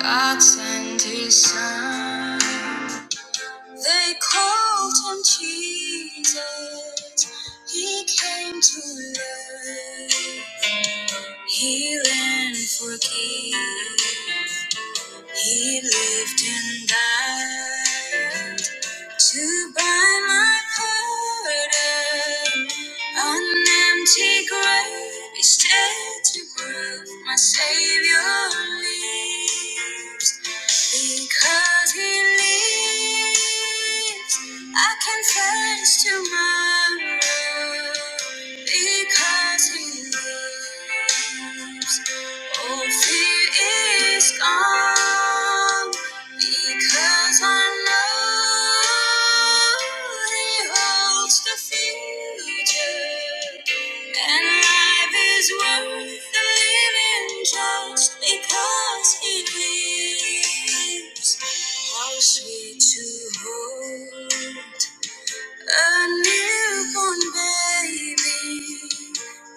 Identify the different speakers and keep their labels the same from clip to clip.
Speaker 1: God sent his son. They called him Jesus. He came to love, heal and forgive. He lived and died to buy my pardon. An empty grave is dead to prove my Savior lives. Because He lives, I can face tomorrow. Because He lives, all fear is gone. Because I know He holds the future, and life is worth the living just because He lives. How sweet to hold a newborn baby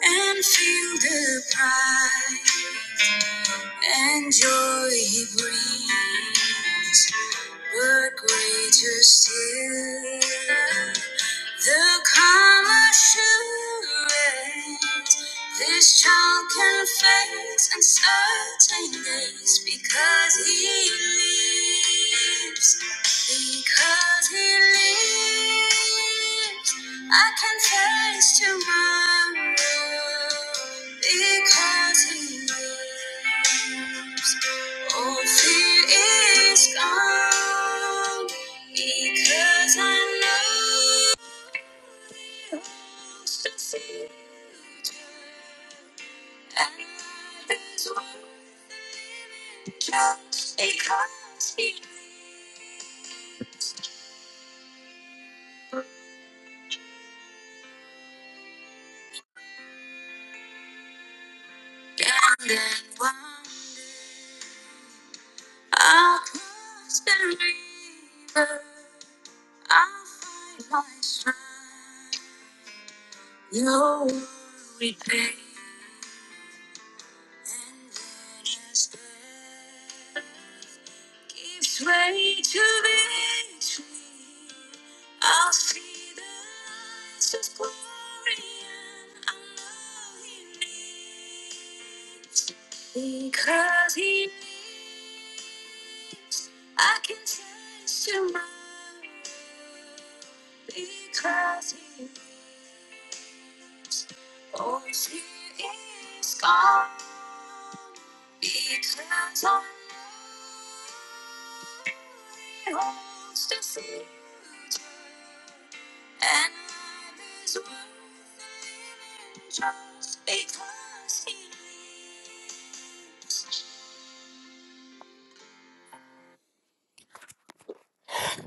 Speaker 1: and feel the pride and joy He brings. But greater still, the calm assurance this child can face uncertain days because he lives. Because he lives, I can face tomorrow. Because he lives. All fear is gone because I know it's just a future. And life is worth living just because he and that one. I'll cross the river. I'll find my strength. No worry, babe. And then as death gives way to victory, I'll see the lights of glory and I know He lives. Because He, I can taste tomorrow. Because He, always He is gone. Because I holds the future, and life is worth living just because he lives.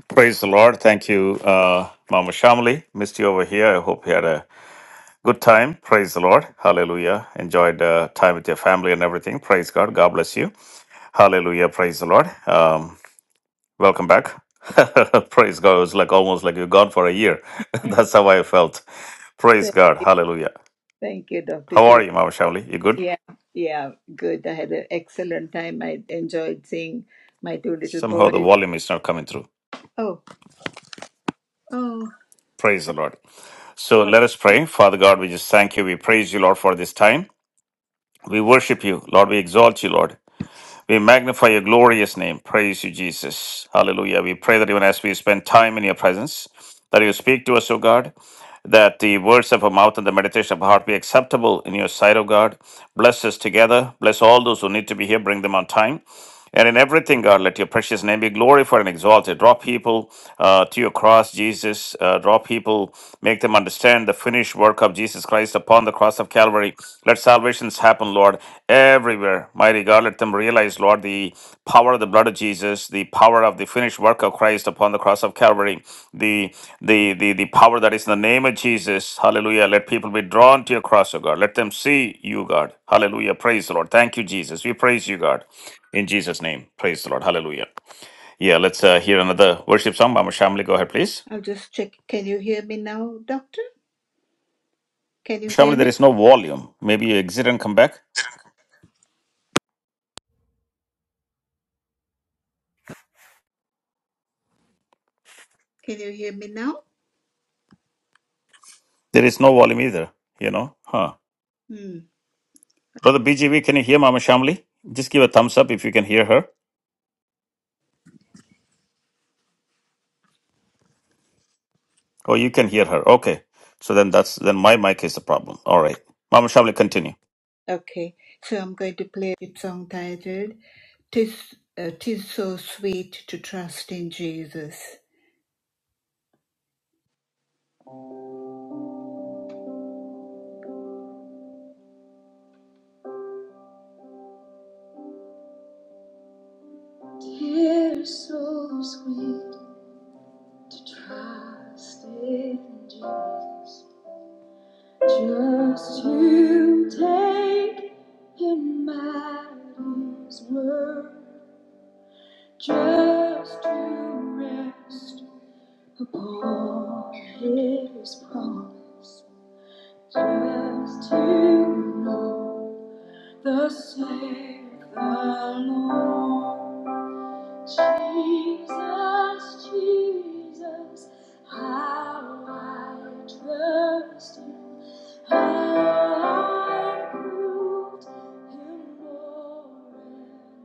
Speaker 1: Praise the Lord. Thank you, uh, Mama Shamli. Missed you over here. I hope you had a good time. Praise the Lord. Hallelujah. Enjoyed uh, time with your family and everything. Praise God. God bless you. Hallelujah. Praise the Lord. Um, Welcome back. Praise God. It was like almost like you're gone for a year. That's how I felt. Praise
Speaker 2: Thank
Speaker 1: God.
Speaker 2: you,
Speaker 1: Hallelujah.
Speaker 2: thank you, Dr.
Speaker 1: How are
Speaker 2: Jyoti.
Speaker 1: you, Mama Shavli? You good?
Speaker 2: Yeah, yeah, good. I had an excellent time. I enjoyed seeing my two little
Speaker 1: Somehow the
Speaker 2: boys.
Speaker 1: volume is not coming through.
Speaker 2: Oh, oh,
Speaker 1: Praise the Lord. So
Speaker 2: what?
Speaker 1: let us pray. Father God, we just thank you. We praise you, Lord, for this time. We worship you, Lord. We exalt you, Lord. We magnify your glorious name. Praise you, Jesus. Hallelujah. We pray that even as we spend time in your presence, that you speak to us, O God, that the words of our mouth and the meditation of our heart be acceptable in your sight, O God. Bless us together. Bless all those who need to be here. Bring them on time. And in everything, God, let your precious name be glorified and exalted. Draw people uh, to your cross, Jesus. Uh, draw people, make them understand the finished work of Jesus Christ upon the cross of Calvary. Let's. Let salvations happen, Lord, everywhere. Mighty God, let them realize, Lord, the power of the blood of Jesus, the power of the finished work of Christ upon the cross of Calvary, the the the, the power that is in the name of Jesus. Hallelujah. Let people be drawn to your cross, O God. Let them see you, God. Hallelujah. Praise the Lord. Thank you, Jesus. We praise you, God. In Jesus' name. Praise the Lord. Hallelujah. Yeah, let's uh, hear another worship song. Mama Shamli, go ahead, please.
Speaker 2: I'll just check. Can you hear me now, Doctor? Can you hear
Speaker 1: Shamli, there
Speaker 2: me?
Speaker 1: is no volume. Maybe you exit and come back.
Speaker 2: Can you hear me now?
Speaker 1: There is no volume either, you know? Huh.
Speaker 2: Hmm.
Speaker 1: Brother BGV, can you hear Mama Shamli? Just give a thumbs up if you can hear her. Oh, you can hear her. Okay. So then that's then my mic is the problem. All right. Mama Shamli, continue.
Speaker 2: Okay, so I'm going to play a song titled "Tis uh, Tis So Sweet to Trust in Jesus." Tis so sweet to trust in Jesus. Just you take in Mary's word, just to rest upon His promise, just to know the Savior Lord. Jesus, Jesus, how I trust you. How I proved him more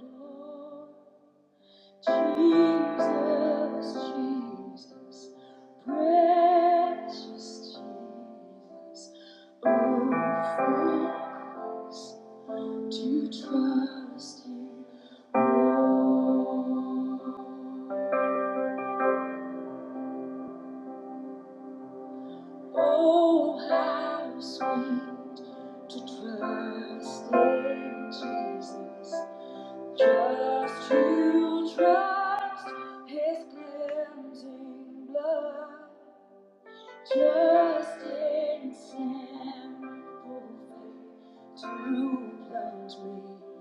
Speaker 2: and more. Jesus, Jesus, precious Jesus, oh, for us to trust in more. Oh, how sweet to trust in Jesus. Trust you, trust his cleansing blood. Trust in His simple faith to plunge me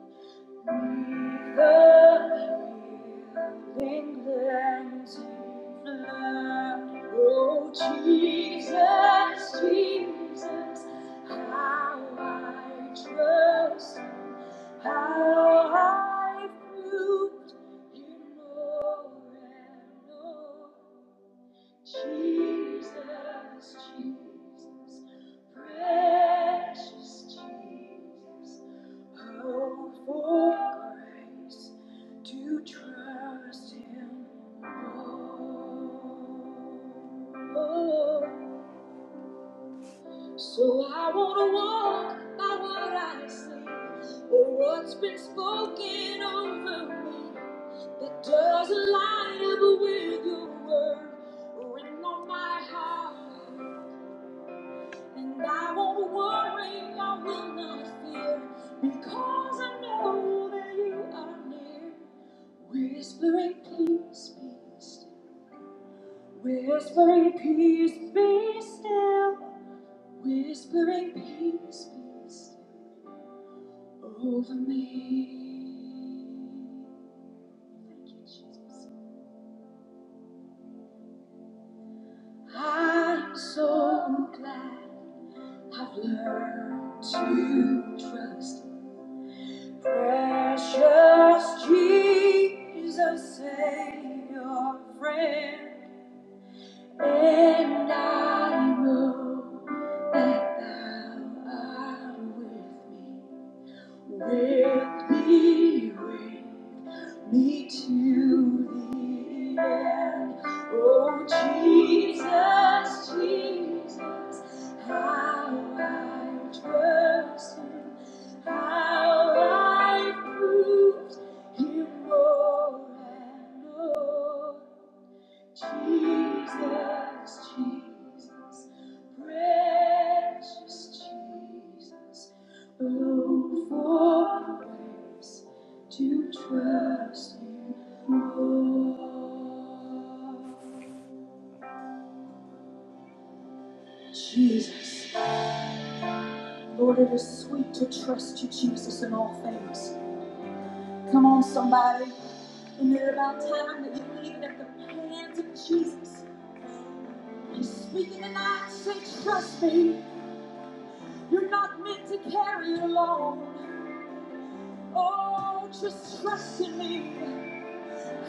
Speaker 2: Jesus, Jesus, how I trust, how I prove you know and know. Jesus, Jesus, precious Jesus, oh for grace to trust Him more. So I wanna walk by what I see, or what's been spoken over me that doesn't line up with your word. Ring on my heart, and I won't worry, I will not fear, because I know that you are near. Whispering peace, be still. Whispering peace, be still. Whispering peace, be still. over me. Thank you, Jesus. I'm so glad I've learned to trust precious Jesus, Savior, friend, and I know that Thou art with me, with me, with me. me to the end. Oh, Jesus, Jesus, how I trust you, how I proved you more and more. Jesus, Jesus, precious Jesus, oh, for grace to trust you more. Jesus, Lord, it is sweet to trust you, Jesus, in all things. Come on, somebody. Isn't it about time that you leave it at the hands of Jesus? He's speaking tonight. Say, trust me. You're not meant to carry alone. Oh, just trust in me.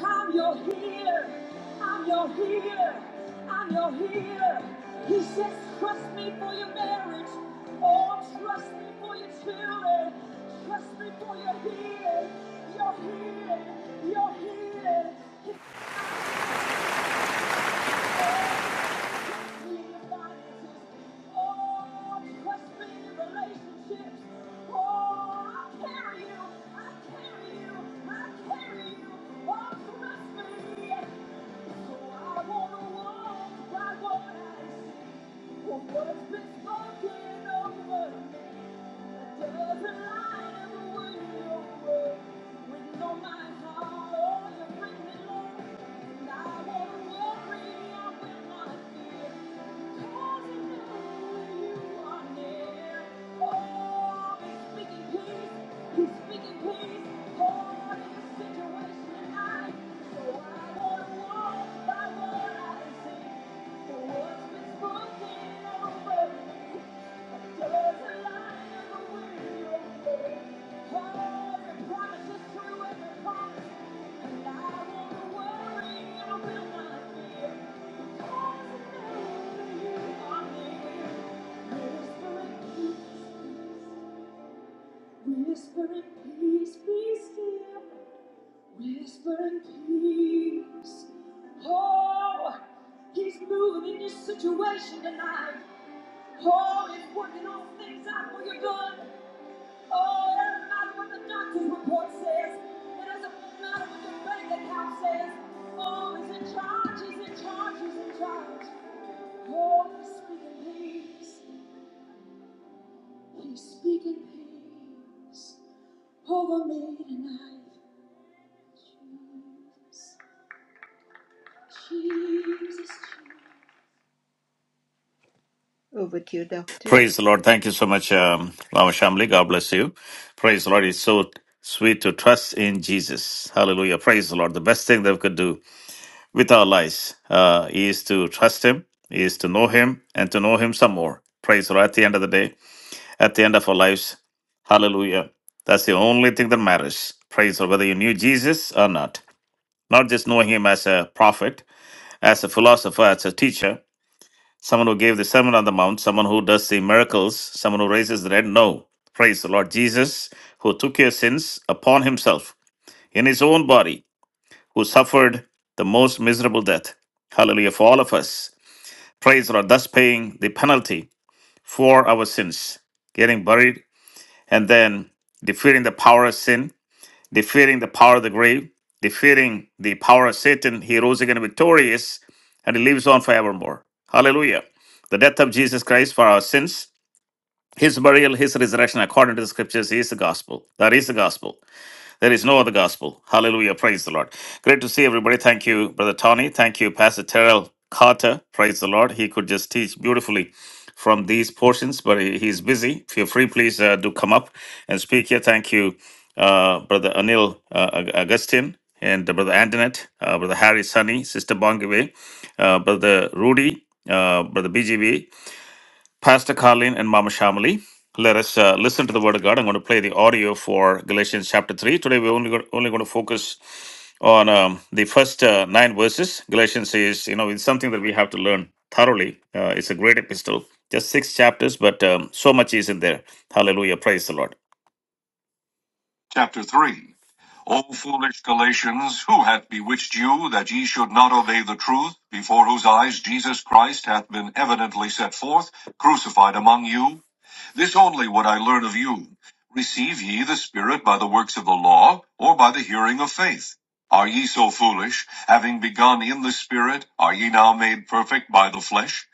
Speaker 2: I'm your healer. I'm your healer. I'm your healer. He says, trust me for your marriage. Oh, trust me for your children. Trust me for your healing. Your healing. Your healing. What's been spoken over? He's speaking peace over this situation tonight. So I want to walk by what I see. For what's been spoken over Whispering peace, be still. Whispering peace. Oh, he's moving in your situation tonight. Paul is working all things out for your good. Oh, it doesn't matter what the doctor's report says. It doesn't matter what your bank account says. Oh, he's in charge, he's in charge, he's in charge. Oh, he's speaking peace. He's speaking peace over me tonight. Jesus, Jesus. Over to you, Doctor.
Speaker 1: Praise the Lord. Thank you so much, um, Mama Shamli. God bless you. Praise the Lord. It's so sweet to trust in Jesus. Hallelujah. Praise the Lord. The best thing that we could do with our lives uh, is to trust Him, is to know Him, and to know Him some more. Praise the Lord. At the end of the day, at the end of our lives. Hallelujah. That's the only thing that matters. Praise or whether you knew Jesus or not. Not just knowing him as a prophet, as a philosopher, as a teacher, someone who gave the Sermon on the Mount, someone who does the miracles, someone who raises the dead. No. Praise the Lord Jesus, who took your sins upon himself in his own body, who suffered the most miserable death. Hallelujah for all of us. Praise the Lord, thus paying the penalty for our sins, getting buried and then defeating the power of sin, defeating the power of the grave, defeating the power of Satan. He rose again victorious and he lives on forevermore. Hallelujah. The death of Jesus Christ for our sins, his burial, his resurrection, according to the scriptures, is the gospel. That is the gospel. There is no other gospel. Hallelujah. Praise the Lord. Great to see everybody. Thank you, Brother Tony. Thank you, Pastor Terrell Carter. Praise the Lord. He could just teach beautifully from these portions, but he- he's busy. Feel free, please uh, do come up and speak here. Thank you, uh, Brother Anil uh, Aug- Augustine and Brother Antoinette, uh, Brother Harry Sunny, Sister Bongave, uh, Brother Rudy, uh, Brother BGB. Pastor Carlin and Mama Shamali. Let us uh, listen to the Word of God. I'm going to play the audio for Galatians chapter 3. Today we're only, go- only going to focus on um, the first uh, nine verses. Galatians is, you know, it's something that we have to learn thoroughly. Uh, it's a great epistle, just six chapters, but um, so much is in there. Hallelujah. Praise the Lord. Chapter 3. O foolish Galatians, who hath bewitched you that ye should not obey the truth, before whose eyes Jesus Christ hath been evidently set forth, crucified among you? This only would I learn of you. Receive ye the Spirit by the works of the law, or by the hearing of faith? Are ye so foolish, having begun in the Spirit, are ye now made perfect by the flesh?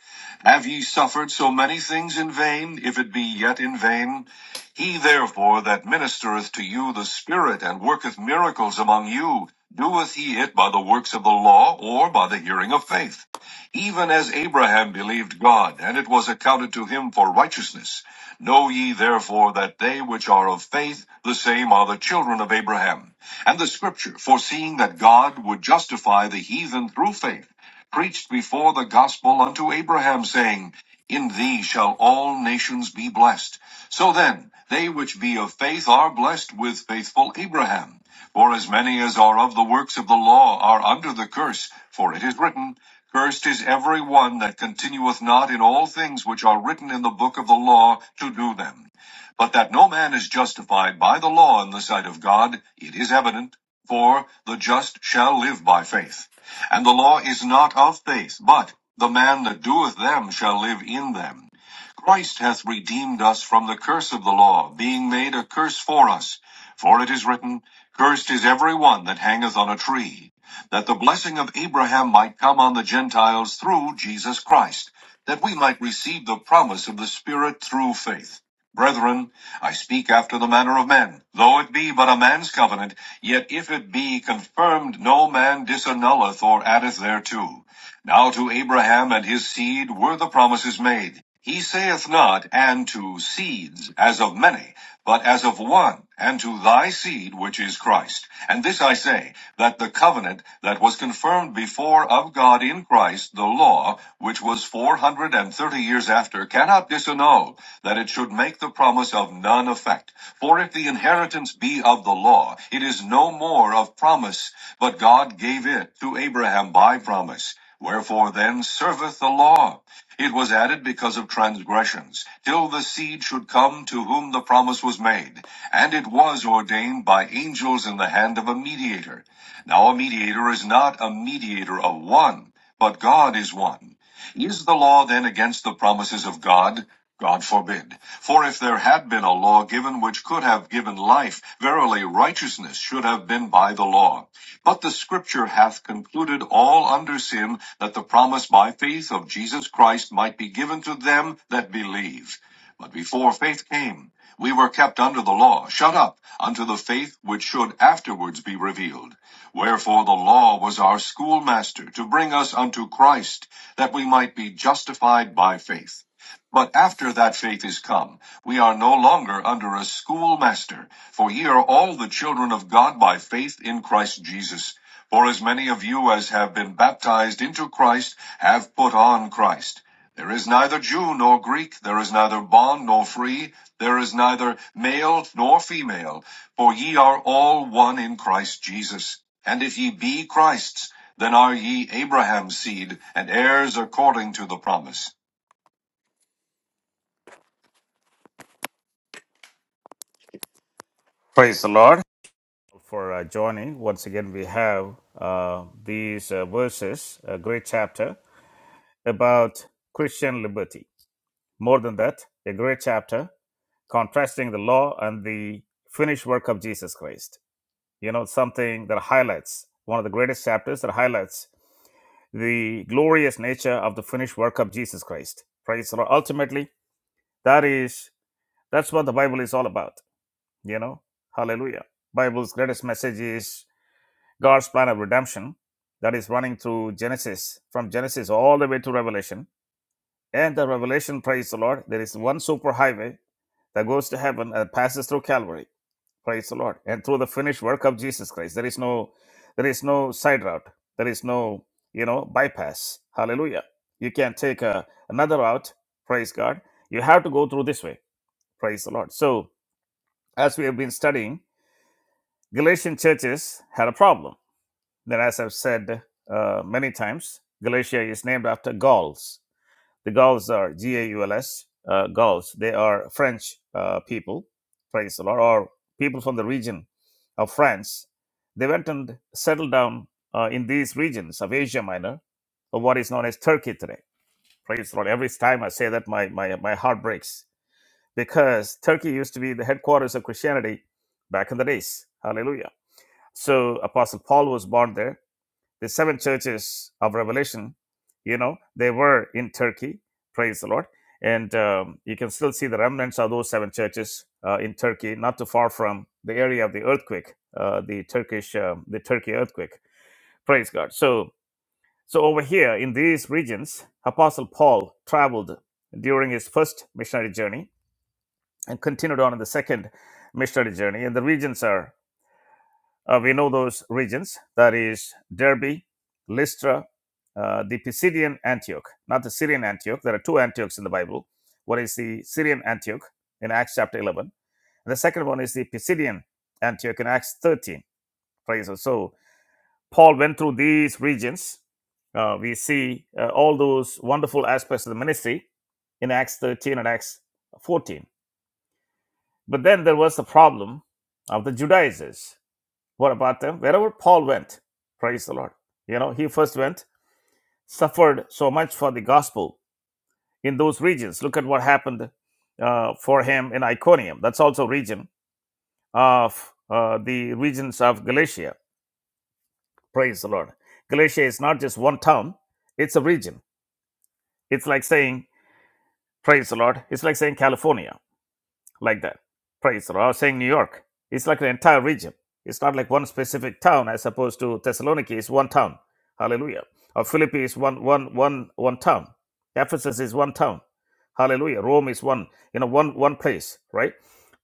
Speaker 1: Have ye suffered so many things in vain, if it be yet in vain? He therefore that ministereth to you the Spirit, and worketh miracles among you, doeth he it by the works of the law, or by the hearing of faith? Even as Abraham believed God, and it was accounted to him for righteousness. Know ye therefore that they which are of faith, the same are the children of Abraham. And the scripture, foreseeing that God would justify the heathen through faith, preached before the gospel unto Abraham, saying, In thee shall all nations be blessed. So then, they which be of faith are blessed with faithful Abraham. For as many as are of the works of the law are under the curse, for it is written, Cursed is every one that continueth not in all things which are written in the book of the law to do them. But that no man is justified by the law in the sight of God, it is evident, for the just shall live by faith. And the law is not of faith, but the man that doeth them shall live in them. Christ hath redeemed us from the curse of the law, being made a curse for us. For it is written, Cursed is every one that hangeth on a tree, that the blessing of Abraham might come on the Gentiles through Jesus Christ, that we might receive the promise of the Spirit through faith. Brethren, I speak after the manner of men, though it be but a man's covenant, yet if it be confirmed, no man disannulleth or addeth thereto. Now to Abraham and his seed were the promises made. He saith not, and to seeds, as of many, but as of one, and to thy seed, which is Christ. And this I say, that the covenant that was confirmed before of God in Christ, the law, which was four hundred and thirty years after, cannot disannul, that it should make the promise of none effect. For if the inheritance be of the law, it is no more of promise, but God gave it to Abraham by promise. Wherefore then serveth the law? It was added because of transgressions, till the seed should come to whom the promise was made. And it was ordained by angels in the hand of a mediator. Now a mediator is not a mediator of one, but God is one. Is the law then against the promises of God? God forbid. For if there had been a law given which could have given life, verily righteousness should have been by the law. But the scripture hath concluded all under sin that the promise by faith of Jesus Christ might be given to them that believe. But before faith came, we were kept under the law, shut up unto the faith which should afterwards be revealed. Wherefore the law was our schoolmaster to bring us unto Christ, that we might be justified by faith. But after that faith is come, we are no longer under a schoolmaster, for ye are all the children of God by faith in Christ Jesus. For as many of you as have been baptized into Christ have put on Christ. There is neither Jew nor Greek, there is neither bond nor free, there is neither male nor female, for ye are all one in Christ Jesus. And if ye be Christ's, then are ye Abraham's seed, and heirs according to the promise. Praise the Lord. for uh, joining. Once again, we have uh, these uh, verses, a great chapter about Christian liberty. More than that, a great chapter contrasting the law and the finished work of Jesus Christ. You know, something that highlights one of the greatest chapters that highlights the glorious nature of the finished work of Jesus Christ. Praise the Lord. Ultimately, that is that's what the Bible is all about. You know, Hallelujah. Bible's greatest message is God's plan of redemption that is running through Genesis, from Genesis all the way to Revelation. And the Revelation, praise the Lord, there is one super highway that goes to heaven and passes through Calvary, praise the Lord, and through the finished work of Jesus Christ. There is no, there is no side route. There is no, you know, bypass. Hallelujah. You can't take a, another route. Praise God. You have to go through this way. Praise the Lord. So, as we have been studying, Galatian churches had a problem Then, as I've said uh, many times, Galatia is named after Gauls. The Gauls are G A U L S, uh, Gauls. They are French uh, people, praise the Lord, or people from the region of France. They went and settled down uh, in these regions of Asia Minor, of what is known as Turkey today. Praise the Lord. Every time I say that, my, my, my heart breaks because Turkey used to be the headquarters of Christianity back in the days. Hallelujah. So Apostle Paul was born there the seven churches of Revelation, you know, they were in Turkey. Praise the Lord. And um, you can still see the remnants of those seven churches uh, in Turkey, not too far from the area of the earthquake, uh, the Turkish, uh, the Turkey earthquake. Praise God. So, so over here in these regions, Apostle Paul traveled during his first missionary journey and continued on in the second missionary journey. And the regions are uh, we know those regions that is Derby, Lystra, uh, the Pisidian Antioch, not the Syrian Antioch. There are two Antiochs in the Bible. One is the Syrian Antioch in Acts chapter 11, and the second one is the Pisidian Antioch in Acts 13. Praise God. So Paul went through these regions. Uh, we see uh, all those wonderful aspects of the ministry in Acts 13 and Acts 14. But then there was the problem of the Judaizers what about them? Wherever Paul went, praise the Lord. You know, he first went, suffered so much for the gospel in those regions. Look at what happened uh, for him in Iconium. That's also region of uh, the regions of Galatia. Praise the Lord. Galatia is not just one town; it's a region. It's like saying, praise the Lord. It's like saying California like that. Praise the Lord. I was saying New York. It's like an entire region. It's not like one specific town as opposed to Thessaloniki is one town. Hallelujah. Or Philippi is one, one, one, one town. Ephesus is one town. Hallelujah. Rome is one, you know, one, one place, right?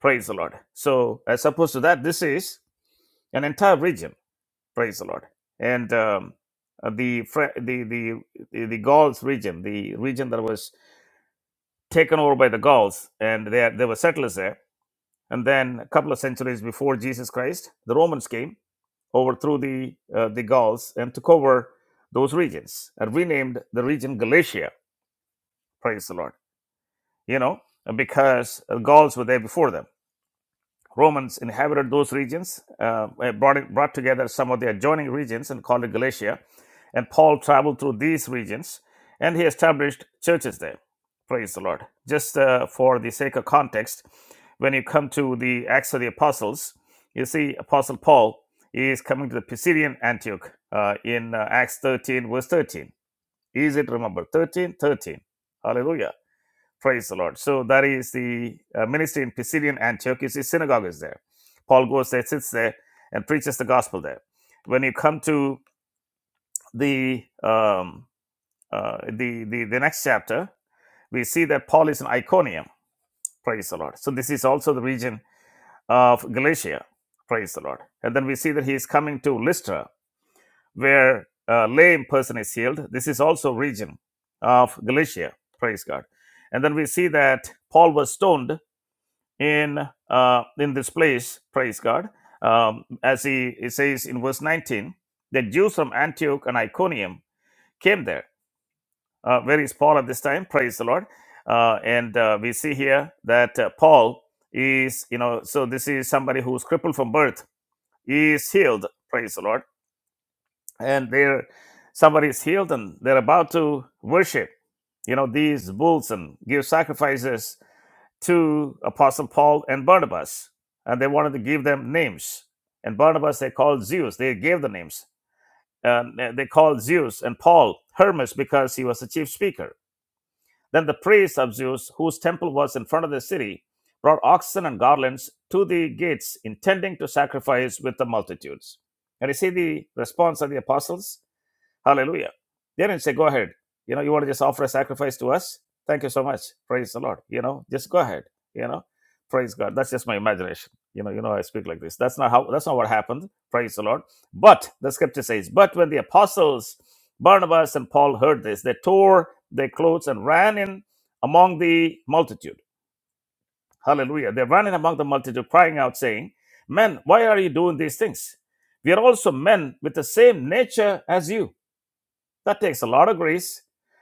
Speaker 1: Praise the Lord. So as opposed to that, this is an entire region. Praise the Lord. And um, uh, the, Fre- the, the, the, the Gauls region, the region that was taken over by the Gauls and they, had- there were settlers there and then a couple of centuries before Jesus Christ, the Romans came, overthrew the, uh, the Gauls, and took over those regions and renamed the region Galatia. Praise the Lord. You know, because the Gauls were there before them. Romans inhabited those regions, uh, eh, brought, it, brought together some of the adjoining regions and called it Galatia. And Paul traveled through these regions and he established churches there. Praise the Lord. Just uh, for the sake of context, when you come to the Acts of the Apostles, you see Apostle Paul is coming to the Pisidian Antioch uh, in uh, Acts 13, verse 13. Easy to remember. 13, 13? Hallelujah. Praise the Lord. So that is the uh, ministry in Pisidian Antioch. His synagogue is there. Paul goes there, sits there, and preaches the gospel there. When you come to the um, uh, the, the the next chapter, we see that Paul is in Iconium. Praise the Lord. So this is also the region of Galatia. Praise the Lord. And then we see that he is coming to Lystra, where a lame person is healed. This is also region of Galatia. Praise God. And then we see that Paul was stoned in uh, in this place. Praise God, um, as he it says in verse 19, the Jews from Antioch and Iconium came there. Uh, where is Paul at this time? Praise the Lord. Uh, and uh, we see here that uh, Paul is, you know, so this is somebody who's crippled from birth is healed. Praise the Lord. And there, somebody is healed, and they're about to worship. You know, these bulls and give sacrifices to Apostle Paul and Barnabas, and they wanted to give them names. And Barnabas they called Zeus. They gave the names. And they called Zeus and Paul Hermes because he was the chief speaker. Then the priest of Zeus, whose temple was in front of the city, brought oxen and garlands to the gates, intending to sacrifice with the multitudes. And you see the response of the apostles? Hallelujah. They didn't say, go ahead. You know, you want to just offer a sacrifice to us? Thank you so much. Praise the Lord. You know, just go ahead. You know, praise God. That's just my imagination. You know, you know, I speak like this. That's not how, that's not what happened. Praise the Lord. But the scripture says, but when the apostles Barnabas and Paul heard this, they tore their clothes and ran in among the multitude. Hallelujah. They ran in among the multitude, crying out, saying, Men, why are you doing these things? We are also men with the same nature as you that takes a lot of grace,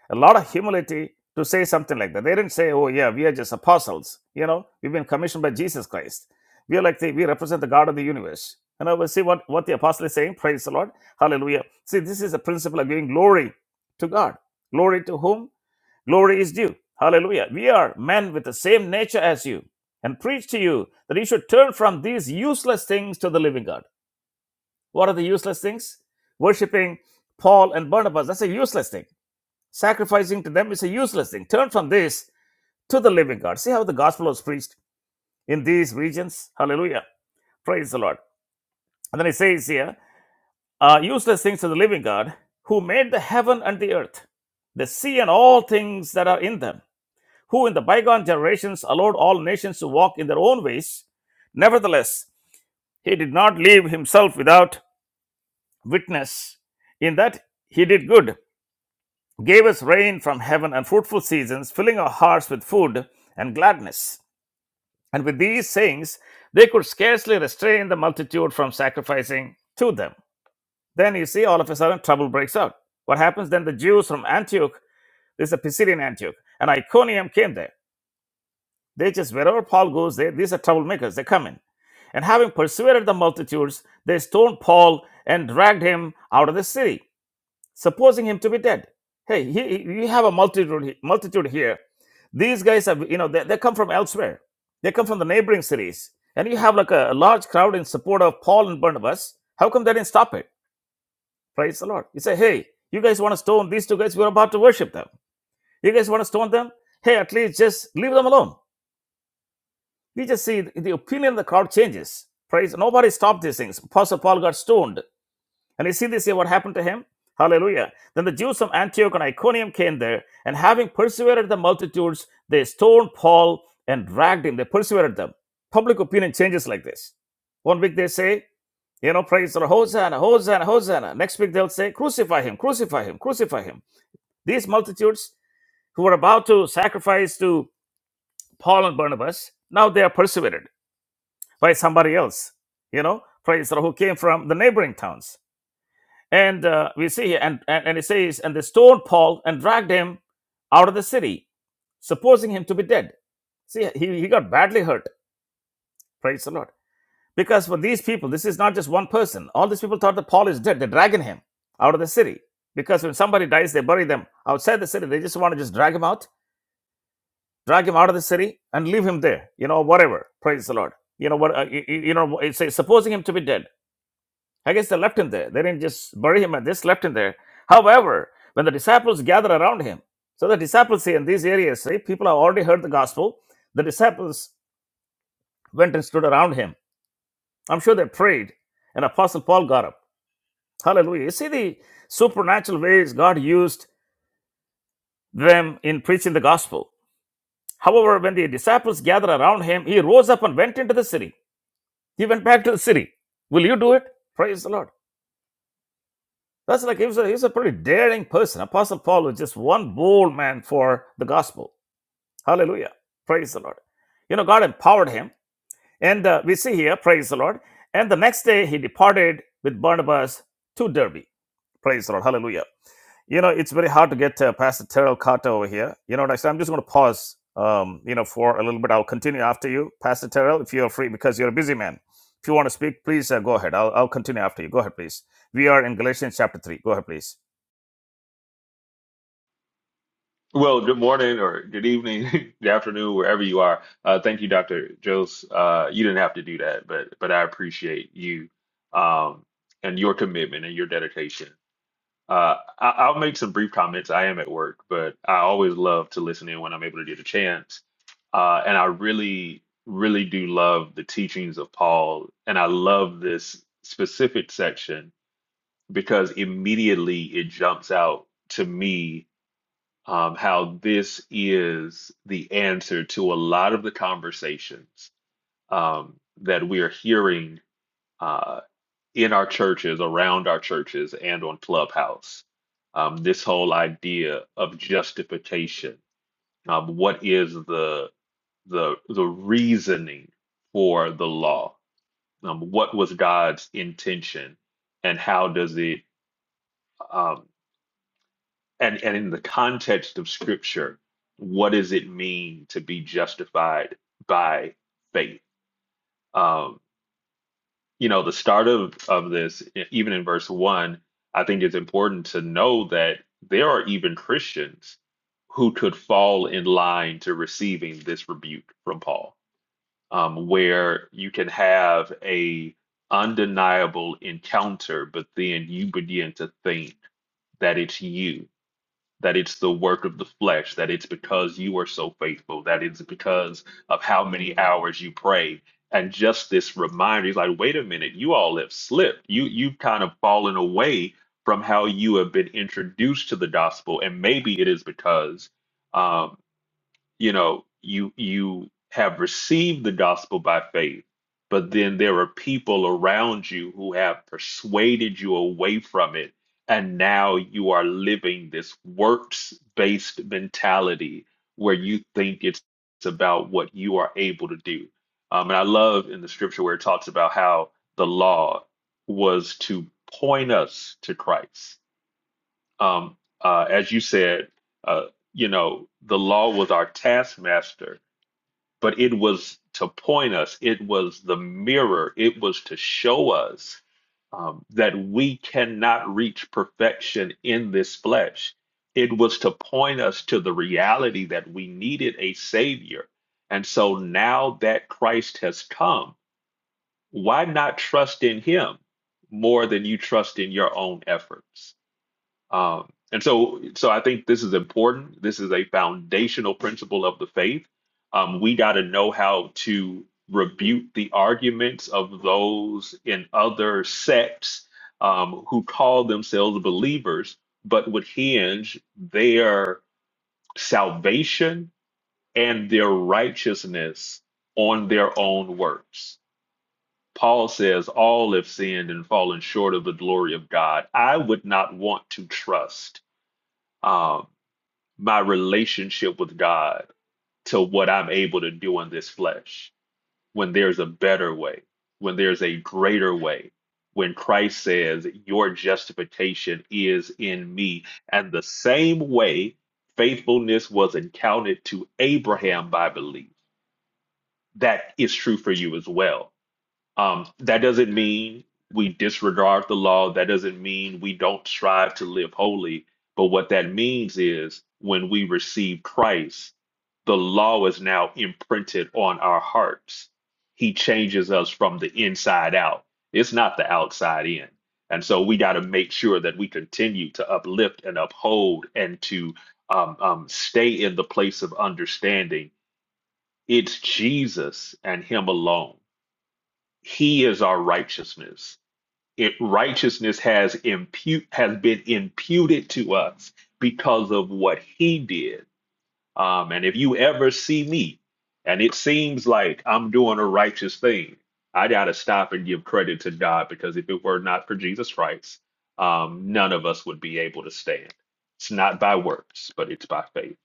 Speaker 1: a lot of humility to say something like that. They didn't say, "Oh yeah, we are just apostles." You know, we've been commissioned by Jesus Christ. We are like the, we represent the God of the universe. And I will see what what the apostle is saying. Praise the Lord, Hallelujah. See, this is a principle of giving glory to God. Glory to whom? Glory is due. Hallelujah. We are men with the same nature as you, and preach to you that you should turn from these useless things to the living God. What are the useless things? Worshipping Paul and Barnabas, that's a useless thing. Sacrificing to them is a useless thing. Turn from this to the living God. See how the gospel was preached in these regions? Hallelujah. Praise the Lord. And then it says here, uh, useless things to the living God who made the heaven and the earth, the sea and all things that are in them, who in the bygone generations allowed all nations to walk in their own ways. Nevertheless, he did not leave himself without witness in that he did good who gave us rain from heaven and fruitful seasons, filling our hearts with food and gladness. And with these sayings, they could scarcely restrain the multitude from sacrificing to them. Then you see, all of a sudden, trouble breaks out. What happens then? The Jews from Antioch, this is a Pisidian Antioch, and Iconium came there. They just, wherever Paul goes, they, these are troublemakers, they come in. And having persuaded the multitudes, they stoned Paul and dragged him out of the city supposing him to be dead. Hey, he, you have a multitude, multitude here. These guys have, you know, they, they come from elsewhere. They come from the neighboring cities. And you have like a, a large crowd in support of Paul and Barnabas. How come they didn't stop it? Praise the Lord. You say, hey, you guys want to stone these two guys? We're about to worship them. You guys want to stone them? Hey, at least just leave them alone. You just see the, the opinion of the crowd changes. Praise. Nobody stopped these things. Apostle Paul got stoned. And you see this here, what happened to him? Hallelujah. Then the Jews from Antioch and Iconium came there, and having persevered the multitudes, they stoned Paul and dragged him. They persevered them. Public opinion changes like this. One week they say, you know, praise the Lord, Hosanna, Hosanna, Hosanna. Next week they'll say, crucify him, crucify him, crucify him. These multitudes who were about to sacrifice to Paul and Barnabas, now they are persevered by somebody else, you know, praise the Lord, who came from the neighboring towns. And uh, we see here, and, and, and it says, and they stoned Paul and dragged him out of the city, supposing him to be dead. See, he, he got badly hurt. Praise the Lord. Because for these people, this is not just one person. All these people thought that Paul is dead. They're dragging him out of the city. Because when somebody dies, they bury them outside the city. They just want to just drag him out, drag him out of the city and leave him there, you know, whatever. Praise the Lord. You know what? Uh, you, you you know, it says, supposing him to be dead. I guess they left him there. They didn't just bury him, and just left him there. However, when the disciples gather around him, so the disciples see in these areas, see, people have already heard the gospel. The disciples went and stood around him. I'm sure they prayed, and Apostle Paul got up. Hallelujah. You see the supernatural ways God used them in preaching the gospel. However, when the disciples gathered around him, he rose up and went into the city. He went back to the city. Will you do it? Praise the Lord. That's like he was, a, he was a pretty daring person. Apostle Paul was just one bold man for the gospel. Hallelujah. Praise the Lord. You know, God empowered him. And uh, we see here, praise the Lord. And the next day he departed with Barnabas to Derby. Praise the Lord. Hallelujah. You know, it's very hard to get uh, Pastor Terrell Carter over here. You know what I said? I'm just going to pause, um, you know, for a little bit. I'll continue after you, Pastor Terrell, if you're free, because you're a busy man. If you want to speak, please uh, go ahead. I'll, I'll continue after you. Go ahead, please. We are in Galatians chapter 3. Go ahead, please.
Speaker 3: Well, good morning or good evening, good afternoon, wherever you are. Uh, thank you, Dr. Jose. Uh, you didn't have to do that, but but I appreciate you um, and your commitment and your dedication. Uh, I, I'll make some brief comments. I am at work, but I always love to listen in when I'm able to get a chance. Uh, and I really, really do love the teachings of Paul, and I love this specific section because immediately it jumps out to me um, how this is the answer to a lot of the conversations um, that we are hearing uh, in our churches, around our churches, and on Clubhouse. Um, this whole idea of justification. Um, what is the the the reasoning for the law? Um, what was God's intention, and how does it? um, and and in the context of scripture what does it mean to be justified by faith um you know the start of of this e- even in verse 1 i think it's important to know that there are even christians who could fall in line to receiving this rebuke from paul um where you can have a undeniable encounter but then you begin to think that it's you that it's the work of the flesh, that it's because you are so faithful, that it's because of how many hours you pray. And just this reminder, he's like, wait a minute, you all have slipped. You you've kind of fallen away from how you have been introduced to the gospel. And maybe it is because um, you know you you have received the gospel by faith but then there are people around you who have persuaded you away from it and now you are living this works based mentality where you think it's about what you are able to do um, and i love in the scripture where it talks about how the law was to point us to christ um, uh, as you said, uh, you know, the law was our taskmaster, but it was to point us, it was the mirror, it was to show us um, that we cannot reach perfection in this flesh. It was to point us to the reality that we needed a savior. And so now that Christ has come, why not trust in him more than you trust in your own efforts? Um, and so, so I think this is important. This is a foundational principle of the faith. Um, we got to know how to rebuke the arguments of those in other sects um, who call themselves believers, but would hinge their salvation and their righteousness on their own works. Paul says, All have sinned and fallen short of the glory of God. I would not want to trust. um, my relationship with God to what I'm able to do in this flesh when there's a better way, when there's a greater way, when Christ says, Your justification is in me. And the same way faithfulness was accounted to Abraham by belief, that is true for you as well. Um, that doesn't mean we disregard the law. That doesn't mean we don't strive to live holy. But what that means is when we receive Christ, the law is now imprinted on our hearts. He changes us from the inside out, it's not the outside in. And so we got to make sure that we continue to uplift and uphold and to um, um, stay in the place of understanding. It's Jesus and Him alone he is our righteousness. It righteousness has impute has been imputed to us because of what he did. Um, and if you ever see me and it seems like I'm doing a righteous thing, I gotta stop and give credit to God because if it were not for Jesus Christ, um, none of us would be able to stand. It's not by works, but it's by faith.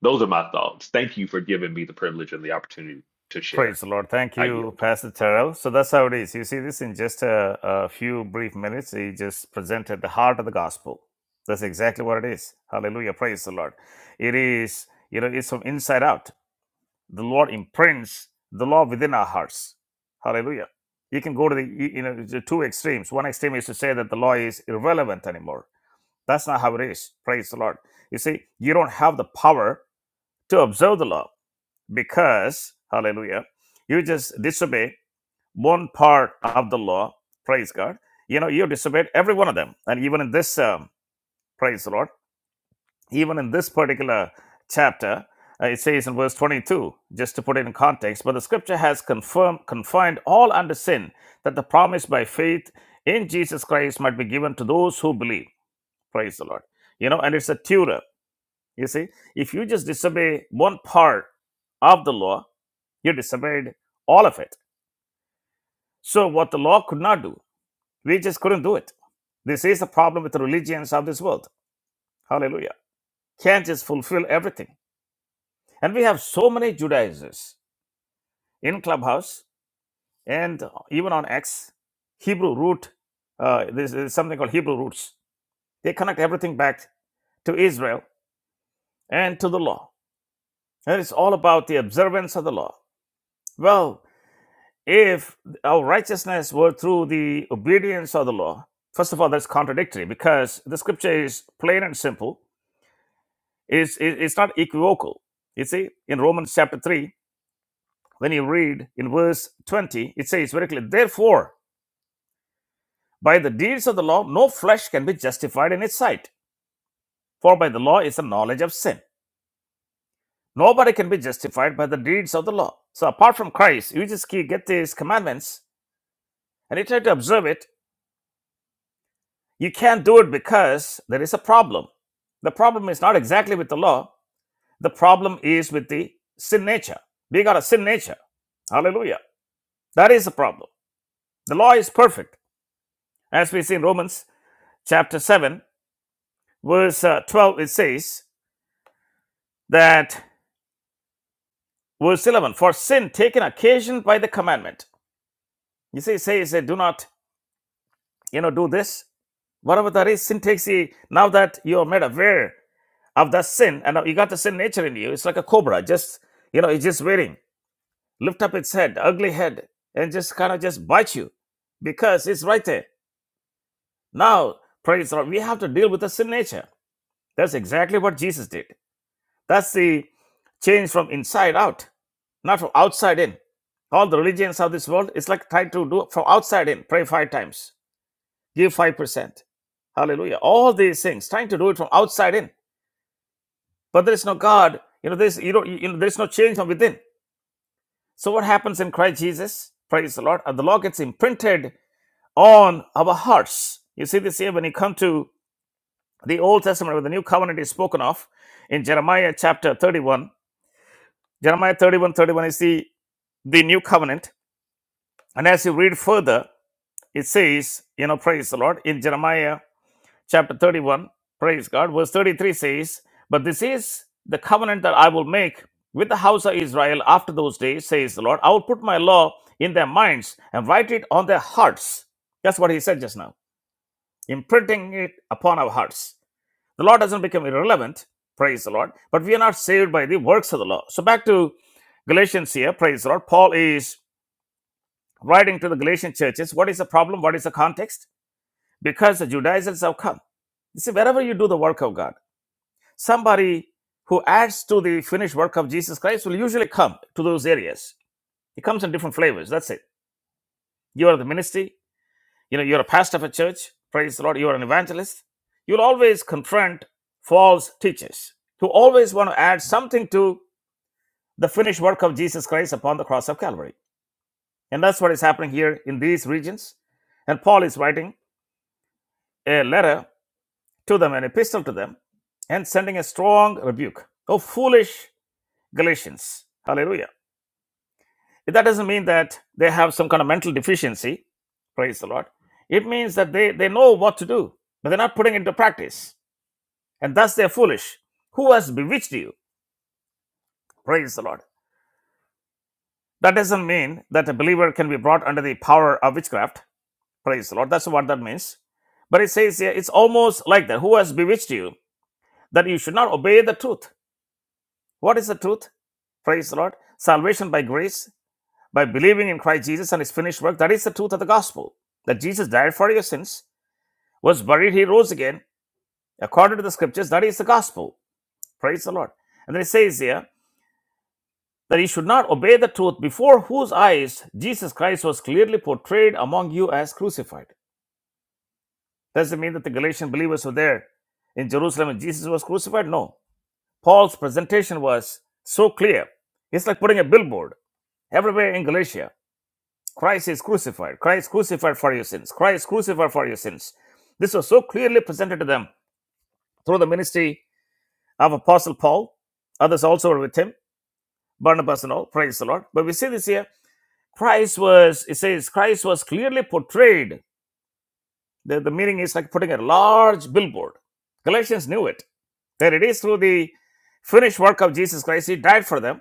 Speaker 3: Those are my thoughts. Thank you for giving me the privilege and the opportunity to share.
Speaker 1: Praise the Lord. Thank
Speaker 3: I yield.
Speaker 1: you, Pastor Terrell. So that's how it is. You see this in just a, a few brief minutes. He just presented the heart of the gospel. That's exactly what it is. Hallelujah. Praise the Lord. It is, you know, it's from inside out. The Lord imprints the law within our hearts. Hallelujah. You can go to the, you you know, the two extremes. One extreme is to say that the law is irrelevant anymore. That's not how it is. Praise the Lord. You see, you don't have the power to observe the law because, hallelujah, you just disobey one part of the law, praise God. You know, you disobeyed every one of them. And even in this, um, praise the Lord, even in this particular chapter, uh, it says in verse 22, just to put it in context, but the scripture has confirmed, confined all under sin, that the promise by faith in Jesus Christ might be given to those who believe. Praise the Lord. You know, and it's a tutor. You see, if you just disobey one part of the law, you disobeyed all of it. So, what the law could not do, we just couldn't do it. This is the problem with the religions of this world. Hallelujah. Can't just fulfill everything. And we have so many Judaizers in Clubhouse and even on X, Hebrew root. Uh, there's, there's something called Hebrew roots. They connect everything back to Israel and to the law. And it's all about the observance of the law. Well, if our righteousness were through the obedience of the law first of all that's contradictory because the scripture is plain and simple it's, it- it's not equivocal you see in romans chapter 3 when you read in verse 20 it says very clearly therefore by the deeds of the law no flesh can be justified in its sight for by the law is the knowledge of sin nobody can be justified by the deeds of the law so apart from christ you just keep- get these commandments and you try to observe it You can't do it because there is a problem. The problem is not exactly with the law, the problem is with the sin nature. We got a sin nature. Hallelujah. That is the problem. The law is perfect. As we see in Romans chapter 7, verse uh, 12, it says that, verse 11, for sin taken occasion by the commandment. You see, it says, uh, do not, you know, do this. Whatever that is, sin takes the, now that you are made aware of the sin, and you got the sin nature in you. It's like a cobra, just you know, it's just waiting. Lift up its head, ugly head, and just kind of just bite you because it's right there. Now, praise the Lord, we have to deal with the sin nature. That's exactly what Jesus did. That's the change from inside out, not from outside in. All the religions of this world, it's like trying to do from outside in. Pray five times, give five percent. Hallelujah. All these things, trying to do it from outside in. but there is no God. You know, there's you know, you know, there's no change from within. So what happens in Christ Jesus? Praise the Lord. And the law gets imprinted on our hearts. You see this here when you come to the Old Testament, where the new covenant is spoken of in Jeremiah chapter 31. Jeremiah thirty-one, thirty-one. 31 is the, the new covenant. And as you read further, it says, you know, praise the Lord, in Jeremiah chapter 31, praise God, verse 33 says, But this is the covenant that I will make with the house of Israel after those days, says the Lord. I will put my law in their minds and write it on their hearts. That's what he said just now, imprinting it upon our hearts. The law doesn't become irrelevant, praise the Lord, but we are not saved by the works of the law. So back to Galatians here, praise the Lord. Paul is writing to the Galatian churches. What is the problem? What is the context? Because the Judaizers have come. You see, wherever you do the work of God, somebody who adds to the finished work of Jesus Christ will usually come to those areas. It comes in different flavors. That's it. You are the ministry. You know, you're a pastor of a church. Praise the Lord. You are an evangelist. You'll always confront false teachers who always want to add something to the finished work of Jesus Christ upon the cross of Calvary. And that's what is happening here in these regions. And Paul is writing a letter to them, an epistle to them, and sending a strong rebuke. Oh, foolish Galatians. Hallelujah. That doesn't mean that they have some kind of mental deficiency. Praise the Lord. It means that they, they know what to do, but they're not putting it into practice. And thus they're foolish. Who has bewitched you? Praise the Lord. That doesn't mean that a believer can be brought under the power of witchcraft. Praise the Lord. That's what that means. But it says here, it's almost like that. Who has bewitched you? That you should not obey the truth. What is the truth? Praise the Lord. Salvation by grace by believing in Christ Jesus and his finished work. That is the truth of the gospel. That Jesus died for your sins, was buried, he rose again. According to the scriptures, that is the gospel. Praise the Lord. And then it says here that you should not obey the truth before whose eyes Jesus Christ was clearly portrayed among you as crucified. Does it mean that the Galatian believers were there in Jerusalem and Jesus was crucified? No. Paul's presentation was so clear. It's like putting a billboard everywhere in Galatia Christ is crucified. Christ crucified for your sins. Christ crucified for your sins. This was so clearly presented to them through the ministry of Apostle Paul. Others also were with him, Barnabas and all. Praise the Lord. But we see this here. Christ was, it says, Christ was clearly portrayed. The, the meaning is like putting a large billboard. Galatians knew it. That it is through the finished work of Jesus Christ. He died for them.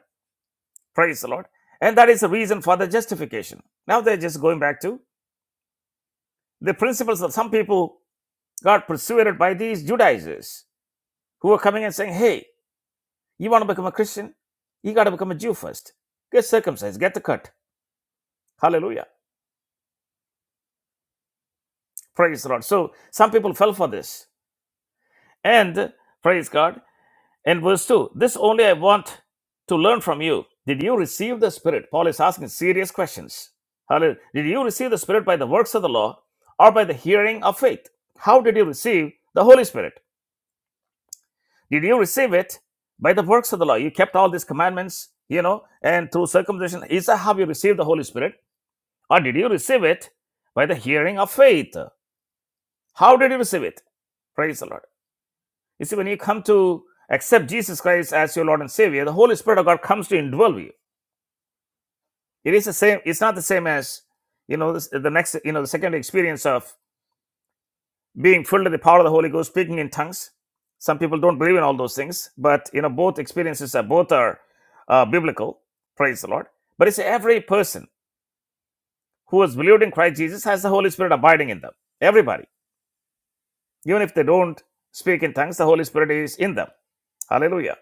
Speaker 1: Praise the Lord. And that is the reason for the justification. Now they're just going back to the principles of some people got persuaded by these Judaizers who were coming and saying, Hey, you want to become a Christian? You got to become a Jew first. Get circumcised, get the cut. Hallelujah. Praise the Lord. So some people fell for this. And praise God. And verse 2 This only I want to learn from you. Did you receive the Spirit? Paul is asking serious questions. Hallelujah. Did you receive the Spirit by the works of the law or by the hearing of faith? How did you receive the Holy Spirit? Did you receive it by the works of the law? You kept all these commandments, you know, and through circumcision. Is that how you received the Holy Spirit? Or did you receive it by the hearing of faith? How did you receive it? Praise the Lord. You see, when you come to accept Jesus Christ as your Lord and Savior, the Holy Spirit of God comes to indwell you. It is the same, it's not the same as, you know, the next, you know, the second experience of being filled with the power of the Holy Ghost, speaking in tongues. Some people don't believe in all those things, but you know both experiences are both are uh, biblical. Praise the Lord. But it's every person who has believed in Christ Jesus has the Holy Spirit abiding in them. Everybody, even if they don't speak in tongues, the Holy Spirit is in them. Hallelujah.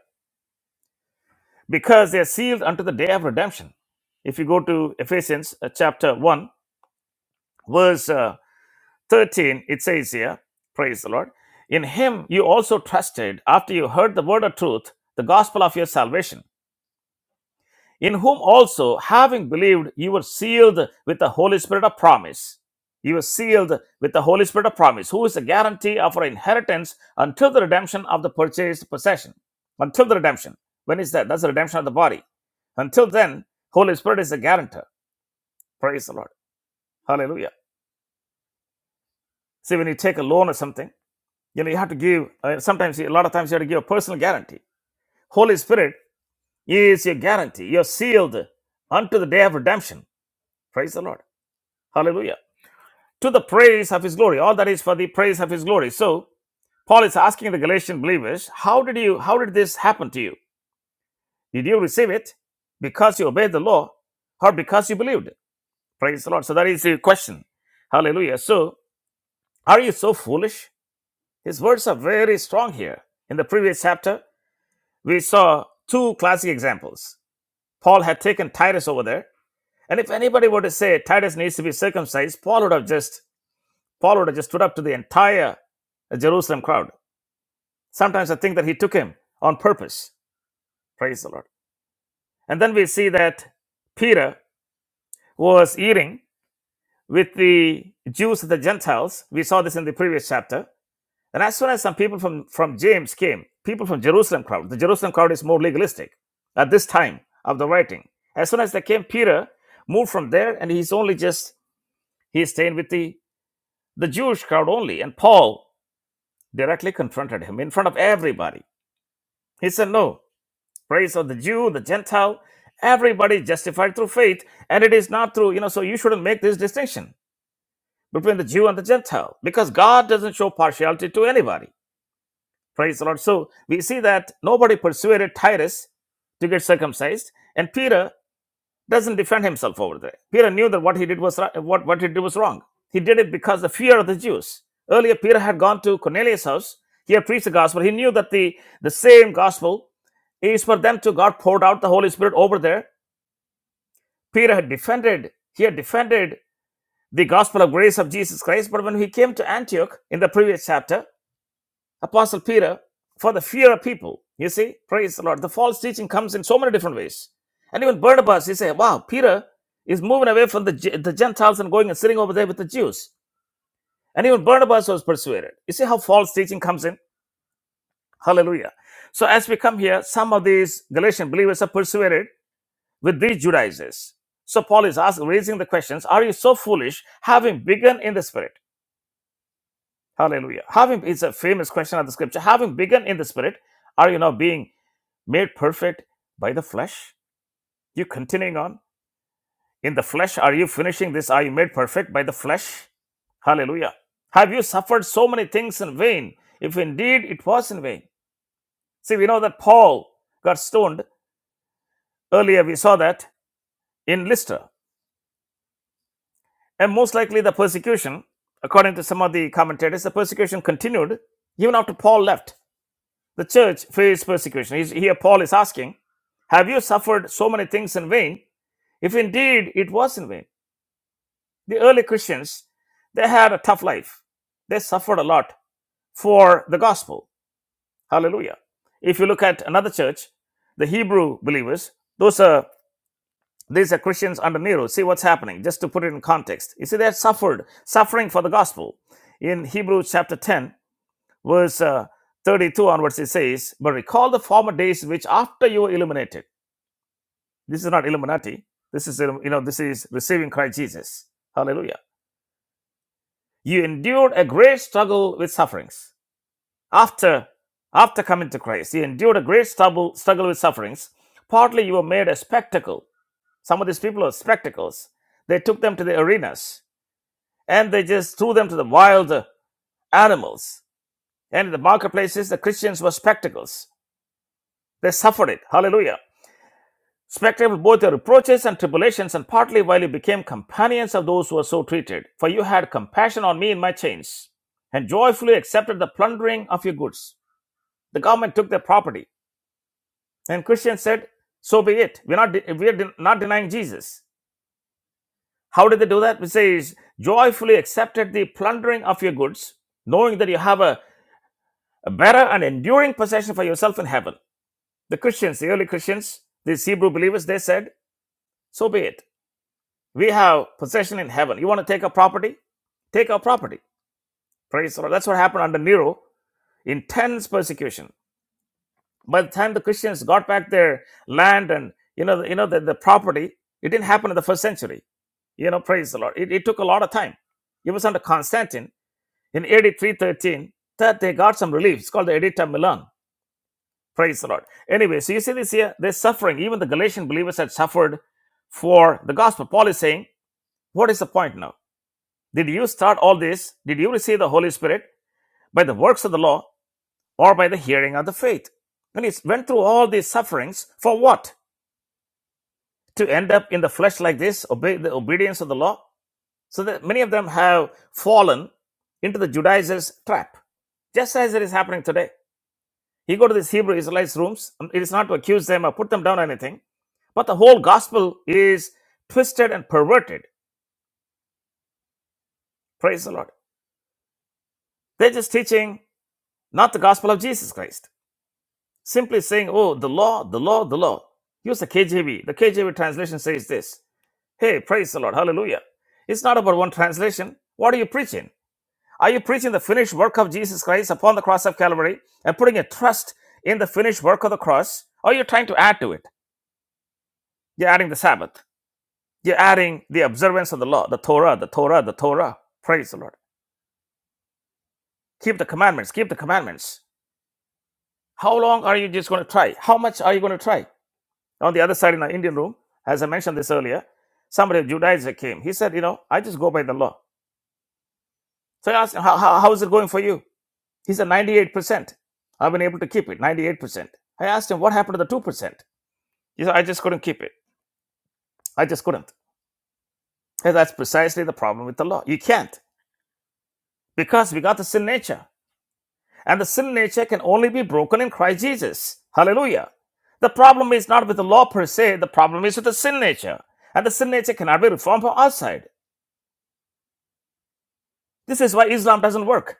Speaker 1: Because they are sealed unto the day of redemption. If you go to Ephesians uh, chapter one, verse uh, 13, it says here, praise the Lord, in him you also trusted after you heard the word of truth, the gospel of your salvation, in whom also, having believed, you were sealed with the Holy Spirit of promise. You were sealed with the Holy Spirit of promise, who is the guarantee of our inheritance until the redemption of the purchased possession. Until the redemption. When is that? That's the redemption of the body. Until then, Holy Spirit is the guarantor. Praise the Lord. Hallelujah. See, when you take a loan or something, you know you have to give uh, sometimes a lot of times you have to give a personal guarantee holy spirit is your guarantee you're sealed unto the day of redemption praise the lord hallelujah to the praise of his glory all that is for the praise of his glory so paul is asking the galatian believers how did you how did this happen to you did you receive it because you obeyed the law or because you believed praise the lord so that is the question hallelujah so are you so foolish his words are very strong here in the previous chapter we saw two classic examples. Paul had taken Titus over there, and if anybody were to say Titus needs to be circumcised, Paul would have just Paul would have just stood up to the entire Jerusalem crowd. Sometimes I think that he took him on purpose. Praise the Lord. And then we see that Peter was eating with the Jews and the Gentiles. We saw this in the previous chapter. And as soon as some people from, from James came, people from Jerusalem crowd, the Jerusalem crowd is more legalistic at this time of the writing. As soon as they came, Peter moved from there and he's only just, he's staying with the, the Jewish crowd only. And Paul directly confronted him in front of everybody. He said, no, praise of the Jew, the Gentile, everybody is justified through faith. And it is not through, you know, so you shouldn't make this distinction between the Jew and the Gentile because God doesn't show partiality to anybody. Praise the Lord. So we see that nobody persuaded Tyrus to get circumcised, and Peter doesn't defend himself over there. Peter knew that what he did was what, what he did was wrong. He did it because of the fear of the Jews. Earlier, Peter had gone to Cornelius' house. He had preached the gospel. He knew that the, the same gospel is for them too. God poured out the Holy Spirit over there. Peter had defended, he had defended the gospel of grace of Jesus Christ. But when he came to Antioch in the previous chapter, Apostle Peter, for the fear of people. You see, praise the Lord. The false teaching comes in so many different ways. And even Barnabas, he said, wow, Peter is moving away from the, Ge- the Gentiles and going and sitting over there with the Jews. And even Barnabas was persuaded. You see how false teaching comes in? Hallelujah. So as we come here, some of these Galatian believers are persuaded with these Judaizers. So Paul is asking, raising the questions, are you so foolish having begun in the spirit? Hallelujah. Having, it's a famous question of the scripture. Having begun in the spirit, are you now being Made perfect by the flesh? You continuing on? In the flesh, are you finishing this? Are you made perfect by the flesh? Hallelujah. Have you suffered so many things in vain? If indeed it was in vain. See, we know that Paul got stoned. Earlier, we saw that in Lystra. And most likely, the persecution, according to some of the commentators, the persecution continued even after Paul left. The church faced persecution. He's- Here, Paul is asking, Have you suffered so many things in vain? If indeed it was in vain. The early Christians, they had a tough life. They suffered a lot for the gospel. Hallelujah. If you look at another church, the Hebrew believers, those are these are Christians under Nero. See what's happening, just to put it in context. You see, they had suffered, suffering for the gospel. In Hebrews chapter 10, verse uh, 32 onwards, it says, But recall the former days which after you were illuminated. This is not Illuminati. This is, um, you know, this is receiving Christ Jesus. Hallelujah. You endured a great struggle with sufferings. After, after coming to Christ, you endured a great struggle, struggle with sufferings. Partly you were made a spectacle. Some of these people are spectacles. They took them to the arenas and they just threw them to the wild uh, animals. And in the marketplaces, the Christians were spectacles. They suffered it. Hallelujah. Spectable both your reproaches and tribulations, and partly while you became companions of those who were so treated. For you had compassion on me in my chains, and joyfully accepted the plundering of your goods. The government took their property. And Christians said, So be it. We're not, de- we're de- not denying Jesus. How did they do that? It says, Joyfully accepted the plundering of your goods, knowing that you have a, a better and enduring possession for yourself in heaven. The Christians, the early Christians, these Hebrew believers, they said, So be it. We have possession in heaven. You want to take a property? Take our property. Praise the Lord. That's what happened under Nero. Intense persecution. By the time the Christians got back their land and you know, you know the, the property, it didn't happen in the first century. You know, praise the Lord. It, it took a lot of time. It was under Constantine in AD 313 that they got some relief. It's called the Edict of Milan. Praise the Lord. Anyway, so you see this here, they're suffering. Even the Galatian believers had suffered for the gospel. Paul is saying, What is the point now? Did you start all this? Did you receive the Holy Spirit by the works of the law or by the hearing of the faith? And he went through all these sufferings for what? To end up in the flesh like this, obey the obedience of the law? So that many of them have fallen into the Judaizers' trap, just as it is happening today. He go to these Hebrew Israelites' rooms, um, it is not to accuse them or put them down or anything, but the whole gospel is twisted and perverted. Praise the Lord. They're just teaching not the gospel of Jesus Christ simply saying, oh, the law, the law, the law. Use the KJV. The KJV translation says this Hey, praise the Lord, hallelujah. It's not about one translation. What are you preaching? Are you preaching the finished work of Jesus Christ upon the cross of Calvary and putting a trust in the finished work of the cross? Or you're trying to add to it? You're adding the Sabbath. You're adding the observance of the law, the Torah, the Torah, the Torah. Praise the Lord. Keep the commandments, keep the commandments. How long are you just going to try? How much are you going to try? On the other side, in the Indian room, as I mentioned this earlier, somebody of Judaism came. He said, You know, I just go by the law. So I asked him, How, how, how is it going for you? He said, 98%. I've been able to keep it, 98%. I asked him, What happened to the 2%? He said, I just couldn't keep it. I just couldn't. And that's precisely the problem with the law. You can't because we got the sin nature. And the sin nature can only be broken in Christ Jesus. Hallelujah. The problem is not with the law per se, the problem is with the sin nature. And the sin nature cannot be reformed from outside. This is why Islam doesn't work.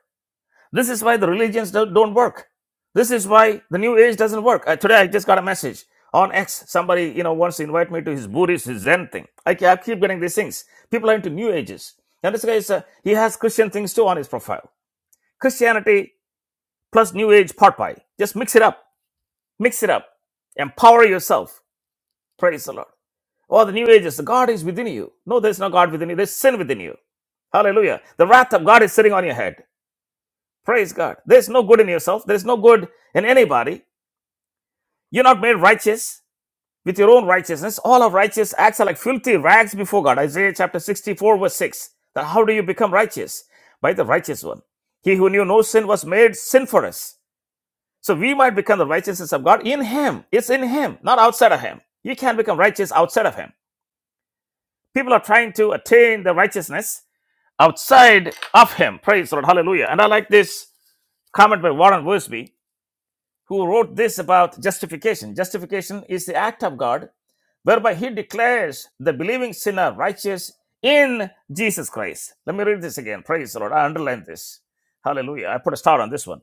Speaker 1: This is why the religions don't, work. This is why the New Age doesn't work. Uh, today I just got a message on X. Somebody, you know, wants to invite me to his Buddhist, his Zen thing. I, I keep getting these things. People are into New Ages. And this guy is, uh, he has Christian things too on his profile. Christianity plus New Age pot pie. Just mix it up. Mix it up. Empower yourself. Praise the Lord. Oh, the New Ages, the God is within you. No, there's no God within you. There's sin within you. Hallelujah. The wrath of God is sitting on your head. Praise God. There's no good in yourself. There's no good in anybody. You're not made righteous with your own righteousness. All our righteous acts are like filthy rags before God. Isaiah chapter 64, verse 6. That how do you become righteous? By the righteous one. He who knew no sin was made sin for us. So we might become the righteousness of God in Him. It's in Him, not outside of Him. You can't become righteous outside of Him. People are trying to attain the righteousness outside of Him. Praise the Lord. Hallelujah. And I like this comment by Warren Worsby. who wrote this about justification. Justification is the act of God whereby he declares the believing sinner righteous in Jesus Christ. Let me read this again. Praise the Lord. I underline this. Hallelujah. I put a star on this one.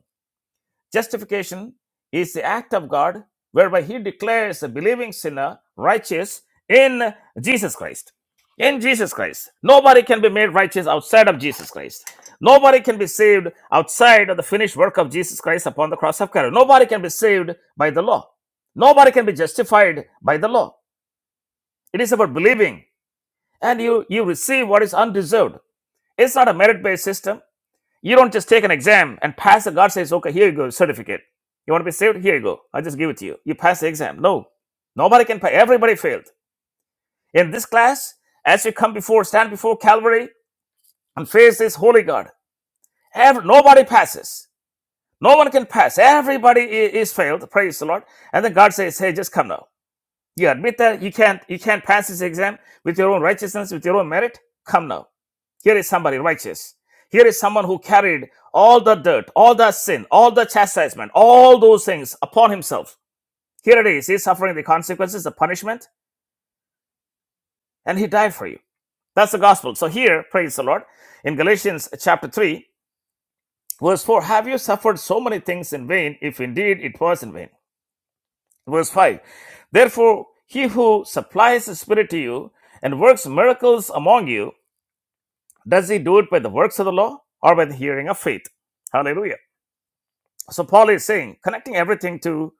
Speaker 1: Justification is the act of God whereby He declares a believing sinner righteous in Jesus Christ. In Jesus Christ. Nobody can be made righteous outside of Jesus Christ. Nobody can be saved outside of the finished work of Jesus Christ upon the cross of Calvary. Nobody can be saved by the law. Nobody can be justified by the law. It is about believing and you, you receive what is undeserved. It's not a merit based system. You don't just take an exam and pass it. God says, okay, here you go, certificate. You want to be saved? Here you go. I just give it to you. You pass the exam. No. Nobody can pass. Everybody failed. In this class, as you come before, stand before Calvary and face this holy God. Every, nobody passes. No one can pass. Everybody i- is failed. Praise the Lord. And then God says, hey, just come now. You admit that you can't, you can't pass this exam with your own righteousness, with your own merit. Come now. Here is somebody righteous. Here is someone who carried all the dirt, all the sin, all the chastisement, all those things upon himself. Here it is. He's suffering the consequences, the punishment, and he died for you. That's the gospel. So here, praise the Lord, in Galatians chapter 3, verse 4, have you suffered so many things in vain, if indeed it was in vain? Verse 5, therefore, he who supplies the Spirit to you and works miracles among you, does he do it by the works of the law or by the hearing of faith? Hallelujah. So Paul is saying, connecting everything to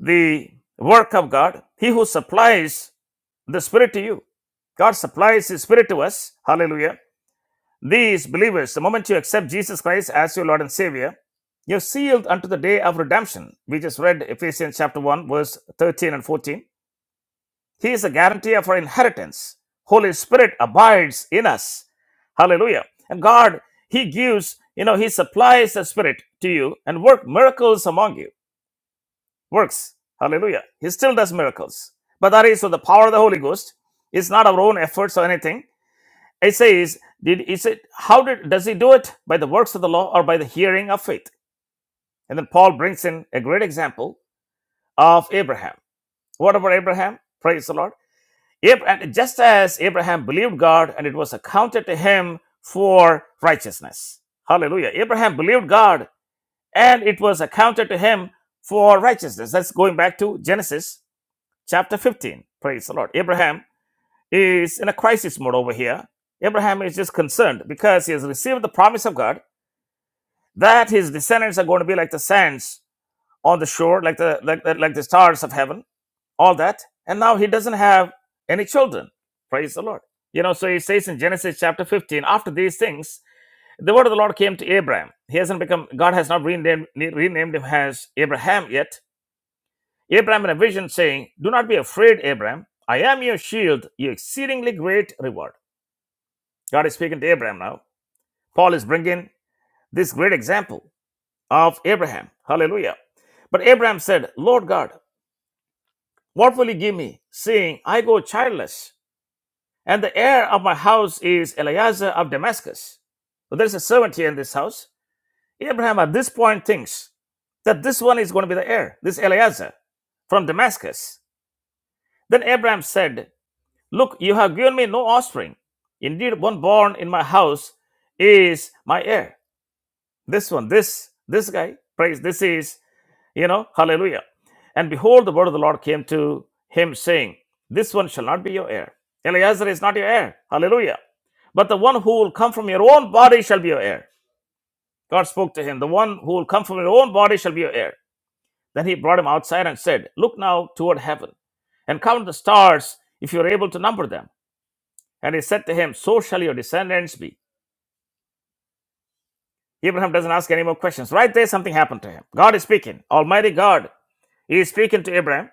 Speaker 1: the work of God, He who supplies the Spirit to you. God supplies His Spirit to us. Hallelujah. These believers, the moment you accept Jesus Christ as your Lord and Savior, you're sealed unto the day of redemption. We just read Ephesians chapter 1, verse 13 and 14. He is the guarantee of our inheritance. Holy Spirit abides in us. Hallelujah. And God, He gives, you know, He supplies the Spirit to you and work miracles among you. works. Hallelujah. He still does miracles. But that is so the power of the Holy Ghost. It's not our own efforts or anything. It says, did is it how did does he do it? By the works of the law or by the hearing of faith? And then Paul brings in a great example of Abraham. What about Abraham? Praise the Lord. Abraham, just as Abraham believed God and it was accounted to him for righteousness. Hallelujah. Abraham believed God and it was accounted to him for righteousness. That's going back to Genesis chapter 15. Praise the Lord. Abraham is in a crisis mode over here. Abraham is just concerned because he has received the promise of God that his descendants are going to be like the sands on the shore, like the like, the- like the stars of heaven, all that. And now he doesn't have any children. Praise the Lord. You know, so he says in Genesis chapter 15, after these things, the word of the Lord came to Abraham. He hasn't become, God has not renamed, renamed him as Abraham yet Abraham in a vision saying, Do not be afraid, Abraham. I am your shield, your exceedingly great reward. God is speaking to Abraham now. Paul is bringing this great example of Abraham. Hallelujah. But Abraham said, Lord God, what will you give me, seeing I go childless, and the heir of my house is Eleazar of Damascus? So there's a servant here in this house. Abraham at this point thinks that this one is going to be the heir, this Eleazar from Damascus. Then Abraham said, Look, you have given me no offspring. Indeed, one born in my house is my heir. This one, this, this guy, praise, this is, you know, hallelujah. And behold, the word of the Lord came to him, saying, This one shall not be your heir. Eleazar is not your heir. Hallelujah. But the one who will come from your own body shall be your heir. God spoke to him, The one who will come from your own body shall be your heir. Then he brought him outside and said, Look now toward heaven and count the stars if you are able to number them and he said to him, So shall your descendants be. Abraham doesn't ask any more questions. Right there, something happened to him. God is speaking. Almighty God is speaking to Abraham.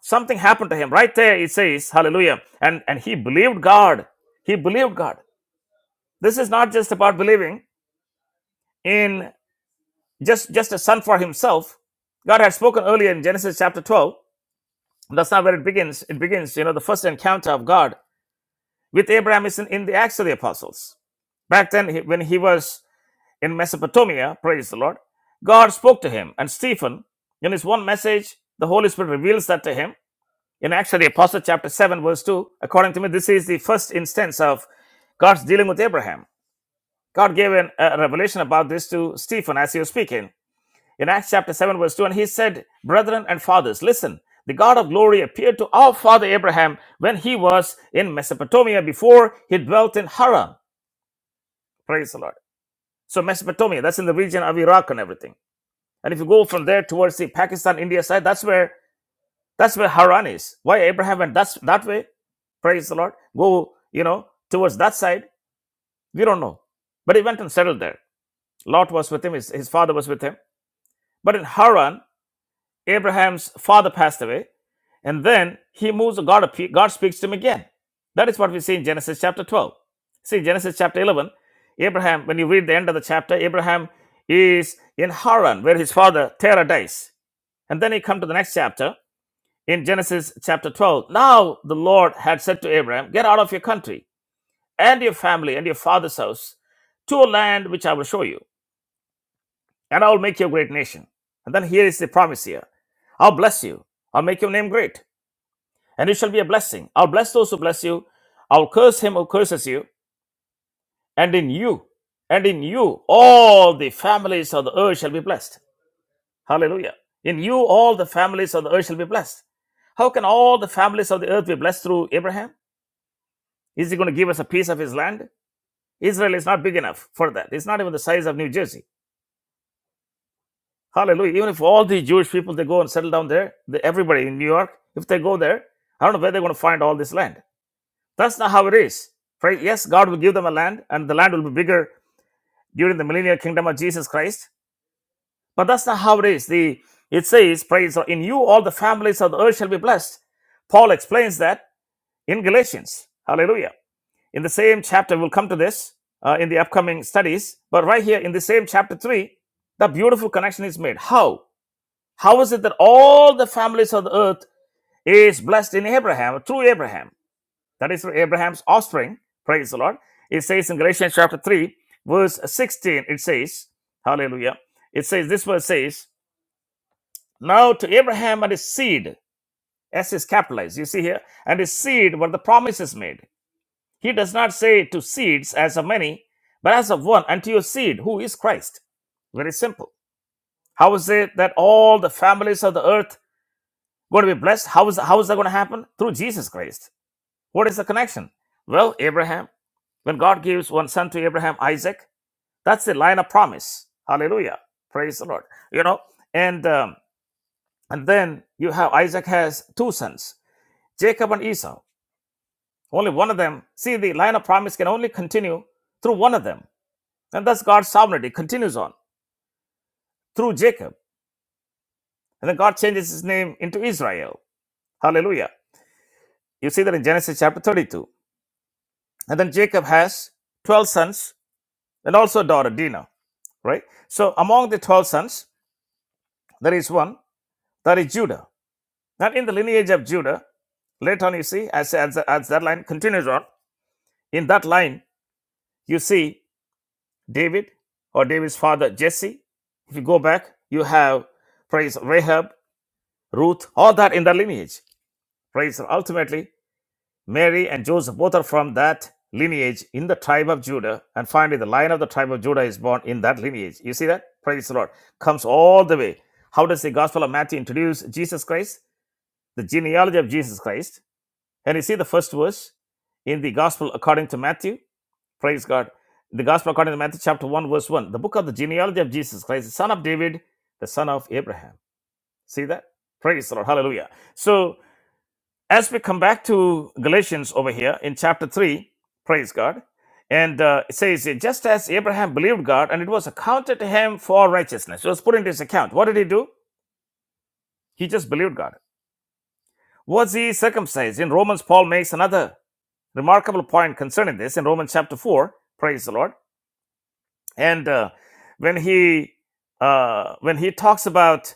Speaker 1: Something happened to him. Right there, it says, Hallelujah. And, and he believed God. He believed God. This is not just about believing in just, just a son for himself. God had spoken earlier in Genesis chapter 12. That's not where it begins. It begins, you know, the first encounter of God with Abraham is in, in the Acts of the Apostles back then when he was in Mesopotamia, praise the Lord, God spoke to him. And Stephen, in his one message, the Holy Spirit reveals that to him. In Acts of the Apostle, chapter 7, verse 2, according to me, this is the first instance of God's dealing with Abraham. God gave an, a revelation about this to Stephen as he was speaking. In Acts chapter 7, verse 2, and he said, Brethren and fathers, listen, the God of glory appeared to our father Abraham when he was in Mesopotamia before he dwelt in Haran. Praise the Lord. So, Mesopotamia, that's in the region of Iraq and everything. And if you go from there towards the Pakistan India side, that's where that's where Haran is. Why Abraham went that's that way? Praise the Lord. Go, you know, towards that side. We don't know. But he went and settled there. Lot was with him, his, his father was with him. But in Haran, Abraham's father passed away. And then he moves, God, God speaks to him again. That is what we see in Genesis chapter 12. See, Genesis chapter 11, Abraham, when you read the end of the chapter, Abraham is in Haran, where his father Terah dies. And then you come to the next chapter in Genesis chapter 12. Now the Lord had said to Abraham, Get out of your country and your family and your father's house to a land which I will show you, and I will make you a great nation. And then here is the promise here I'll bless you, I'll make your name great, and you shall be a blessing. I'll bless those who bless you, I'll curse him who curses you, and in you, and in you, all the families of the earth shall be blessed. Hallelujah. In you, all the families of the earth shall be blessed. How can all the families of the earth be blessed through Abraham? Is he going to give us a piece of his land? Israel is not big enough for that. It's not even the size of New Jersey. Hallelujah. Even if all the Jewish people, they go and settle down there, the, everybody in New York, if they go there, I don't know where they're going to find all this land. That's not how it is. Right? Yes, God will give them a land, and the land will be bigger during the millennial kingdom of Jesus Christ. But that's not how it is. The it says, "Praise God, in you all the families of the earth shall be blessed." Paul explains that in Galatians. Hallelujah. In the same chapter, we'll come to this uh, in the upcoming studies. But right here in the same chapter three, the beautiful connection is made. How? How is it that all the families of the earth is blessed in Abraham, through Abraham? That is through Abraham's offspring. Praise the Lord. It says in Galatians chapter 3, verse 16, it says, Hallelujah. It says, this verse says, now to Abraham and his seed, S is capitalized, you see here, and his seed were the promises made. He does not say to seeds as of many, but as of one, and your seed, who is Christ. Very simple. How is it that all the families of the earth going to be blessed? How is, how is that going to happen? Through Jesus Christ. What is the connection? Well, Abraham, when God gives one son to Abraham, Isaac, that's the line of promise. Hallelujah. Praise the Lord. You know, and um, and then you have Isaac has two sons. Jacob and Esau. Only one of them. See, the line of promise can only continue through one of them. And thus God's sovereignty continues on through Jacob. And then God changes his name into Israel. Hallelujah. You see that in Genesis chapter 32. And then Jacob has 12 sons and also a daughter, Dinah, right? So among the 12 sons, there is one, that is Judah. Now, in the lineage of Judah, later on you see, as, as, as that line continues on, in that line, you see David or David's father Jesse. If you go back, you have praise Rahab, Ruth, all that in the lineage. Praise ultimately Mary and Joseph both are from that lineage in the tribe of Judah. And finally, the line of the tribe of Judah is born in that lineage. You see that? Praise the Lord. Comes all the way. How does the Gospel of Matthew introduce Jesus Christ? The genealogy of Jesus Christ. And you see the first verse in the Gospel according to Matthew. Praise God. The gospel according to Matthew chapter 1, verse 1. The book of the genealogy of Jesus Christ, the son of David, the son of Abraham. See that? Praise the Lord. Hallelujah. So as we come back to Galatians over here in chapter 3, praise God. And uh, it says, just as Abraham believed God and it was accounted to him for righteousness. It was put into his account. What did he do? He just believed God. Was he circumcised? In Romans, Paul makes another remarkable point concerning this in Romans chapter 4. Praise the Lord. and uh, when he uh, when he talks about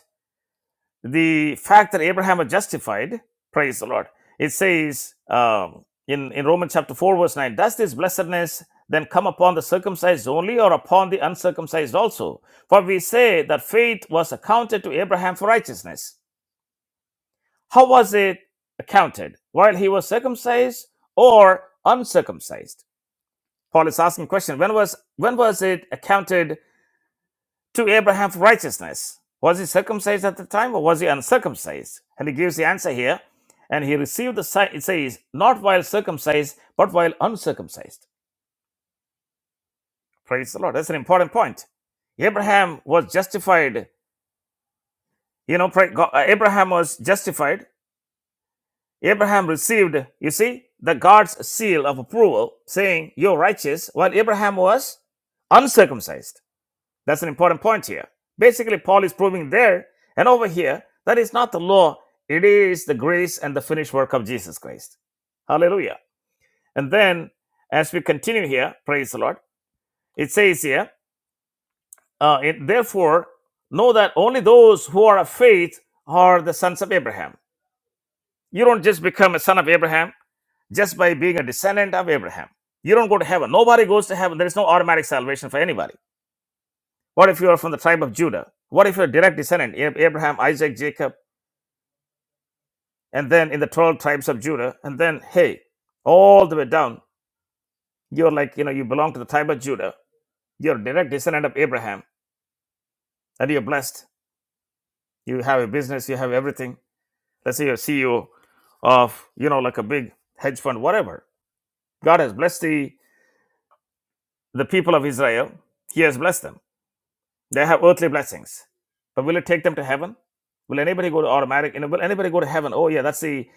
Speaker 1: the fact that Abraham was justified, praise the Lord. It says um, in in Romans chapter four verse nine, does this blessedness then come upon the circumcised only, or upon the uncircumcised also? For we say that faith was accounted to Abraham for righteousness. How was it accounted? While he was circumcised or uncircumcised? Paul is asking question. When was when was it accounted to Abraham's righteousness. Was he circumcised at the time or was he uncircumcised? And he gives the answer here. And he received the sign, it says, not while circumcised, but while uncircumcised. Praise the Lord. That's an important point. Abraham was justified. You know, pray- Go- uh, Abraham was justified. Abraham received, you see, the God's seal of approval saying, You're righteous, while Abraham was uncircumcised. That's an important point here. Basically, Paul is proving there and over here that it's not the law, it is the grace and the finished work of Jesus Christ. Hallelujah. And then, as we continue here, praise the Lord, it says here, uh, it, therefore, know that only those who are of faith are the sons of Abraham. You don't just become a son of Abraham just by being a descendant of Abraham. You don't go to heaven. Nobody goes to heaven. There is no automatic salvation for anybody. What if you are from the tribe of Judah? What if you're a direct descendant, Abraham, Isaac, Jacob, and then in the 12 tribes of Judah? And then, hey, all the way down, you're like, you know, you belong to the tribe of Judah. You're a direct descendant of Abraham, and you're blessed. You have a business, you have everything. Let's say you're CEO of, you know, like a big hedge fund, whatever. God has blessed the, the people of Israel. He has blessed them They have earthly blessings. But will it take them to heaven? Will anybody go to automatic? you know, Will anybody go to heaven? Oh, yeah, that's the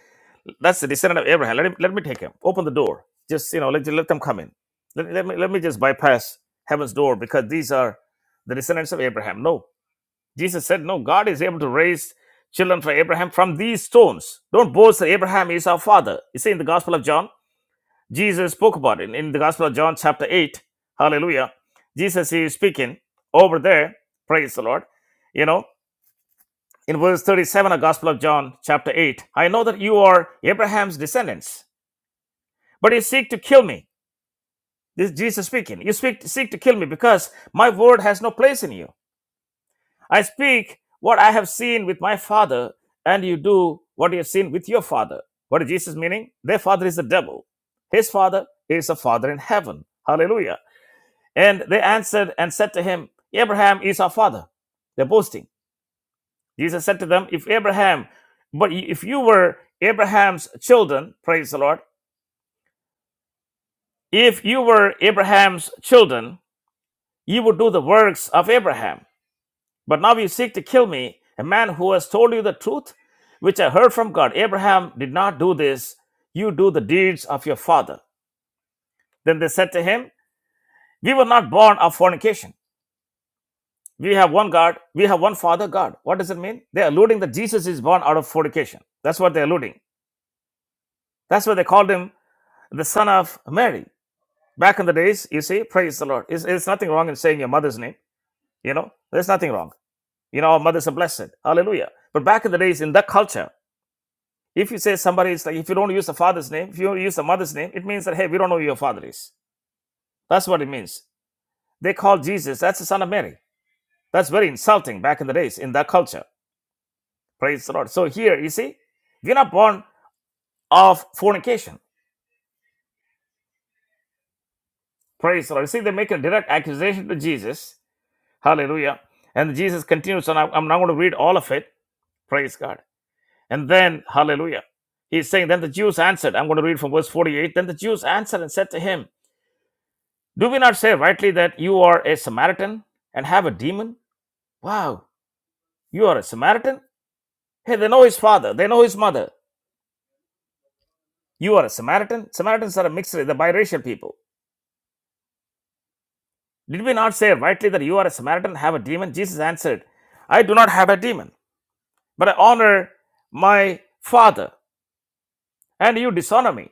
Speaker 1: that's the descendant of Abraham. Let, him, let me take him. Open the door. Just, you know, let, let them come in. Let, let, me, let me just bypass heaven's door because these are the descendants of Abraham. No. Jesus said, no, God is able to raise children for Abraham from these stones. Don't boast that Abraham is our father. You see in the Gospel of John? Jesus spoke about it in the Gospel of John, chapter 8. Hallelujah. Jesus is speaking over there. Praise the Lord. You know, in verse 37 of Gospel of John, chapter 8, I know that you are Abraham's descendants, but you seek to kill me. This is Jesus speaking. You speak, seek to kill me because my word has no place in you. I speak what I have seen with my father, and you do what you have seen with your father. What is Jesus meaning? Their father is the devil. His father is a father in heaven. Hallelujah. And they answered and said to him, Abraham is our father. They're boasting. Jesus said to them, If Abraham, but if you were Abraham's children, praise the Lord, if you were Abraham's children, you would do the works of Abraham. But now you seek to kill me, a man who has told you the truth, which I heard from God. Abraham did not do this. You do the deeds of your father. Then they said to him, We were not born of fornication. We have one God, we have one Father God. What does it mean? They're alluding that Jesus is born out of fornication. That's what they're alluding. That's why they called him the son of Mary. Back in the days, you see, praise the Lord. It's, it's nothing wrong in saying your mother's name. You know, there's nothing wrong. You know, our mothers are blessed. Hallelujah. But back in the days, in that culture, if you say somebody is like, if you don't use the father's name, if you use the mother's name, it means that, hey, we don't know who your father is. That's what it means. They call Jesus, that's the son of Mary. That's very insulting back in the days in that culture. Praise the Lord. So here, you see, we're not born of fornication. Praise the Lord. You see, they make a direct accusation to Jesus. Hallelujah. And Jesus continues, and I- am not going to read all of it. Praise God. And then, hallelujah. He's saying, Then the Jews answered. I'm going to read from verse 48. Then the Jews answered and said to him, Do we not say rightly that you are a Samaritan and have a demon? Wow, you are a Samaritan? Hey, they know his father, they know his mother. You are a Samaritan? Samaritans are a mixed, the biracial people. Did we not say rightly that you are a Samaritan, have a demon? Jesus answered, I do not have a demon, but I honor my Father, and you dishonor me.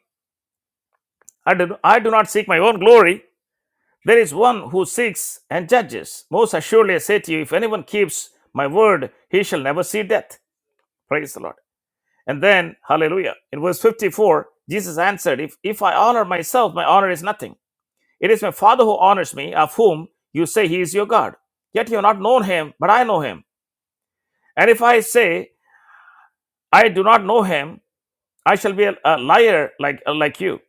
Speaker 1: I do, I do not seek my own glory. There is one who seeks and judges. Most assuredly, I say to you, if anyone keeps my word, he shall never see death. Praise the Lord. And then, hallelujah. In verse 54, Jesus answered, If, if I honor myself, my honor is nothing. It is my Father who honors me, of whom you say he is your God. Yet you have not known him, but I know him. And if I say I do not know him, I shall be a, a liar like uh, like you.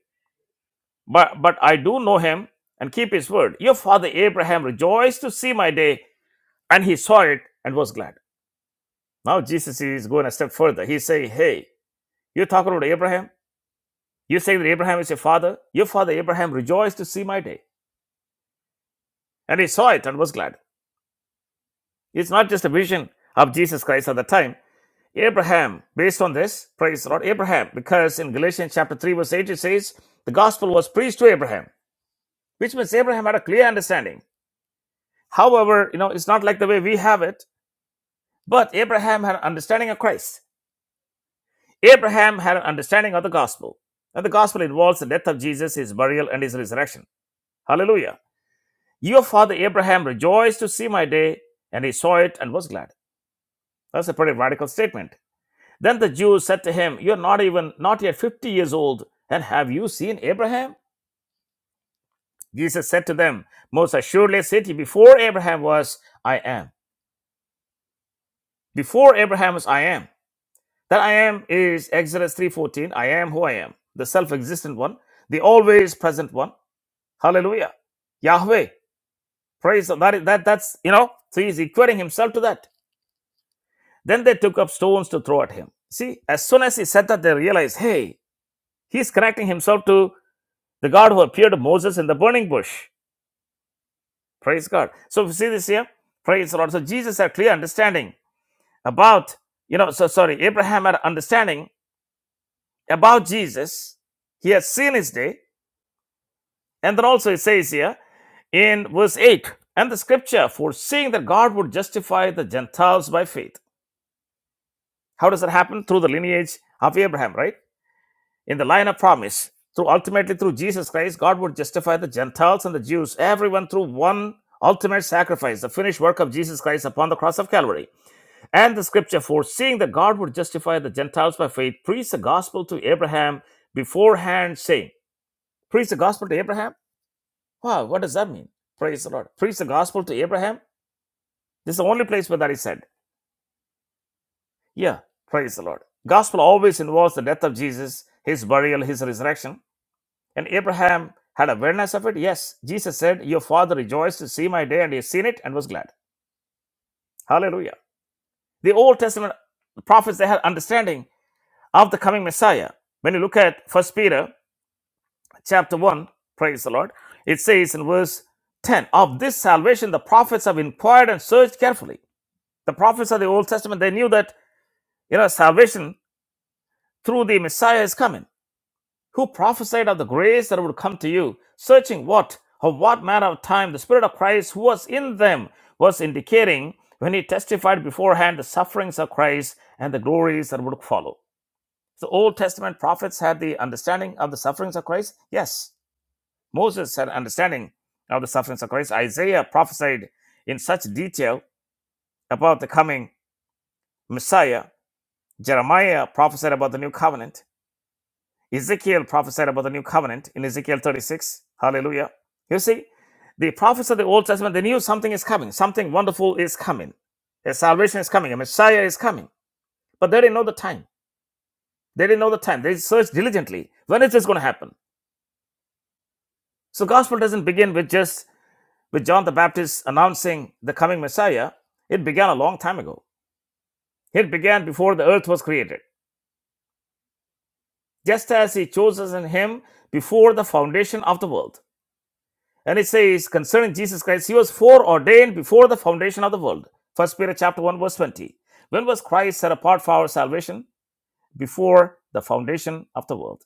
Speaker 1: But but I do know him and keep his word. Your father Abraham rejoiced to see my day, and he saw it and was glad. Now Jesus is going a step further. He's saying, Hey, you're talking about Abraham. You say that Abraham is your father. Your father Abraham rejoiced to see my day, and he saw it and was glad. It's not just a vision of Jesus Christ at the time. Abraham, based on this, praise the Lord, Abraham, because in Galatians chapter 3, verse 8, it says, the gospel was preached to Abraham, which means Abraham had a clear understanding. However, you know, it's not like the way we have it, but Abraham had an understanding of Christ. Abraham had an understanding of the gospel. And the gospel involves the death of Jesus, his burial, and his resurrection. Hallelujah. Your father Abraham rejoiced to see my day, and he saw it and was glad. That's a pretty radical statement. Then the Jews said to him, You are not even not yet fifty years old, and have you seen Abraham? Jesus said to them, Most assuredly I say to you, before Abraham was, I am. Before Abraham was, I am. That I am is Exodus three fourteen. I am who I am, the self-existent one, the always present one. Hallelujah. Yahweh. Praise the- that, is- that that's you know. So he's equating himself to that. Then they took up stones to throw at him. See, as soon as he said that, they realized, hey, he's connecting himself to the God who appeared to Moses in the burning bush. Praise God. So we see this here. Praise the Lord. So Jesus had clear understanding about, you know, so sorry, Abraham had understanding about Jesus. He has seen his day. And then also it says here in verse 8, and the scripture foreseeing that God would justify the Gentiles by faith. How does that happen? Through the lineage of Abraham, right? in the line of promise through ultimately through jesus christ god would justify the gentiles and the jews everyone through one ultimate sacrifice the finished work of jesus christ upon the cross of calvary and the scripture foreseeing that god would justify the gentiles by faith preached the gospel to abraham beforehand saying preach the gospel to abraham wow what does that mean praise the lord preach the gospel to abraham this is the only place where that is said yeah praise the lord gospel always involves the death of jesus his burial his resurrection And Abraham had awareness of it. Yes, Jesus said, Your father rejoiced to see my day, and he has seen it and was glad. Hallelujah. The Old Testament prophets, they had understanding of the coming Messiah. When you look at First Peter chapter 1, praise the Lord, it says in verse 10, Of this salvation the prophets have inquired and searched carefully. The prophets of the Old Testament, they knew that, you know, salvation through the Messiah is coming. who prophesied of the grace that would come to you, searching what of what manner of time the Spirit of Christ who was in them was indicating when he testified beforehand the sufferings of Christ and the glories that would follow. The Old Testament prophets had the understanding of the sufferings of Christ? Yes. Moses had understanding of the sufferings of Christ. Isaiah prophesied in such detail about the coming Messiah. Jeremiah prophesied about the new covenant. Ezekiel prophesied about the new covenant in Ezekiel 36. Hallelujah. You see, the prophets of the Old Testament, they knew something is coming. Something wonderful is coming. A salvation is coming. A Messiah is coming. But they didn't know the time. They didn't know the time. They searched diligently. When is this going to happen? So gospel doesn't begin with just with John the Baptist announcing the coming Messiah. It began a long time ago. It began before the earth was created, just as he chose us in him before the foundation of the world. And it says concerning Jesus Christ, he was foreordained before the foundation of the world. First Peter chapter 1, verse 20. When was Christ set apart for our salvation? Before the foundation of the world.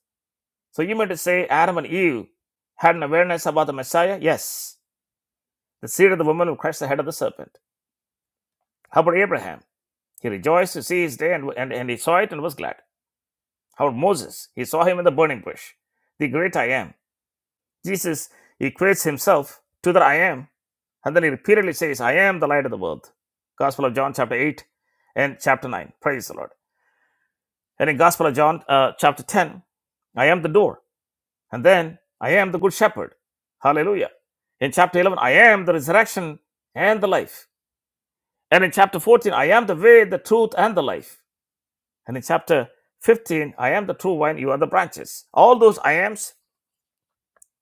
Speaker 1: So you might say Adam and Eve had an awareness about the Messiah? Yes. The seed of the woman who crushed the head of the serpent. How about Abraham? He rejoiced to see his day and, and, and he saw it and was glad. How about Moses? He saw him in the burning bush. The great I am. Jesus equates himself to the I am, and then he repeatedly says, I am the light of the world. Gospel of John, chapter 8 and chapter 9. Praise the Lord. And in Gospel of John, uh, chapter 10, I am the door. And then I am the good shepherd. Hallelujah. In chapter 11, I am the resurrection and the life. And in chapter 14, I am the way, the truth, and the life. And in chapter 15, I am the true vine, you are the branches. All those I ams,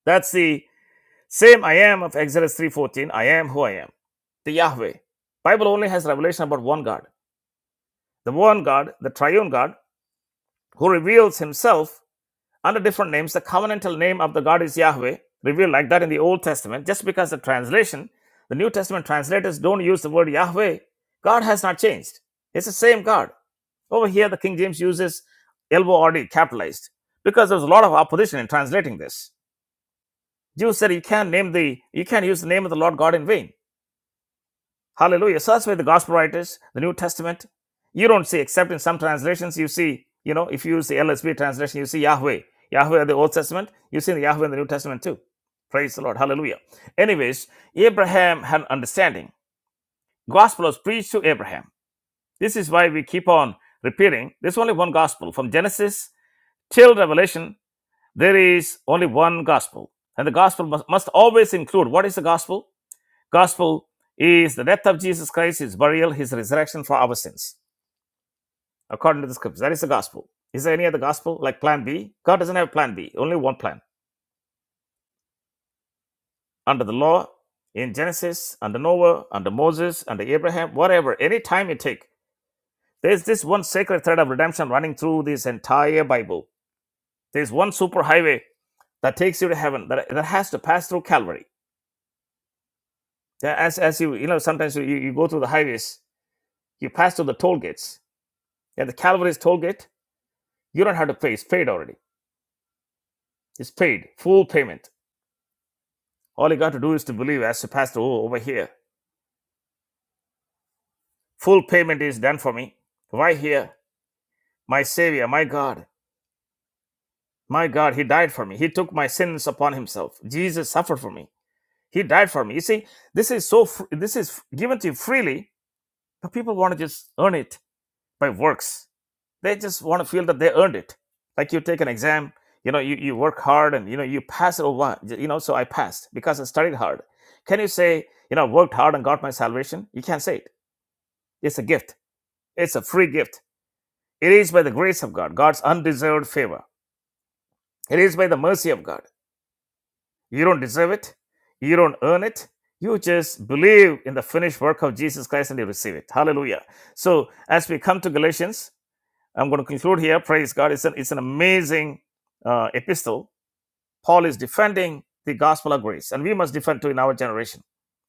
Speaker 1: that's the Same I am of Exodus 3:14, I am who I am. The Yahweh. Bible only has revelation about one God. The one God, the triune God, who reveals himself under different names. The covenantal name of the God is Yahweh, revealed like that in the Old Testament. Just because the translation, the New Testament translators don't use the word Yahweh, God has not changed. It's the same God. Over here, the King James uses LORD capitalized because there was a lot of opposition in translating this. Jews said you can't name the you can't use the name of the Lord God in vain. Hallelujah. Search with the gospel writers, the New Testament. You don't see, except in some translations, you see, you know, if you use the LSB translation, you see Yahweh. Yahweh of the Old Testament, you see the Yahweh in the New Testament too. Praise the Lord. Hallelujah. Anyways, Abraham had understanding. Gospel was preached to Abraham. This is why we keep on repeating. There's only one gospel. From Genesis till Revelation, there is only one gospel. And the gospel must, must always include what is the gospel? Gospel is the death of Jesus Christ, his burial, his resurrection for our sins, according to the scriptures. That is the gospel. Is there any other gospel like plan B? God doesn't have plan B, only one plan. Under the law, in Genesis, under Noah, under Moses, under Abraham, whatever, any time you take, there's this one sacred thread of redemption running through this entire Bible. There's one super highway that takes you to heaven that, that has to pass through Calvary. Yeah, As, as you, you know, sometimes you, you you go through the highways, you pass through the toll gates. And the Calvary's toll gate You don't have to pay. It's paid already. It's paid. Full payment. All you got to do is to believe as the pastor oh, over here. Full payment is done for me. Why here? My Savior, my God. My God, He died for me. He took my sins upon Himself. Jesus suffered for me. He died for me. You see, this is so. this is given to you freely, but people want to just earn it by works they just want to feel that they earned it like you take an exam you know you, you work hard and you know you pass it or what you know so i passed because i studied hard can you say you know worked hard and got my salvation you can't say it it's a gift it's a free gift it is by the grace of god god's undeserved favor it is by the mercy of god you don't deserve it you don't earn it you just believe in the finished work of jesus christ and you receive it hallelujah so as we come to galatians I'm going to conclude here. Praise God. It's an, it's an amazing uh, epistle. Paul is defending the gospel of grace, and we must defend too in our generation.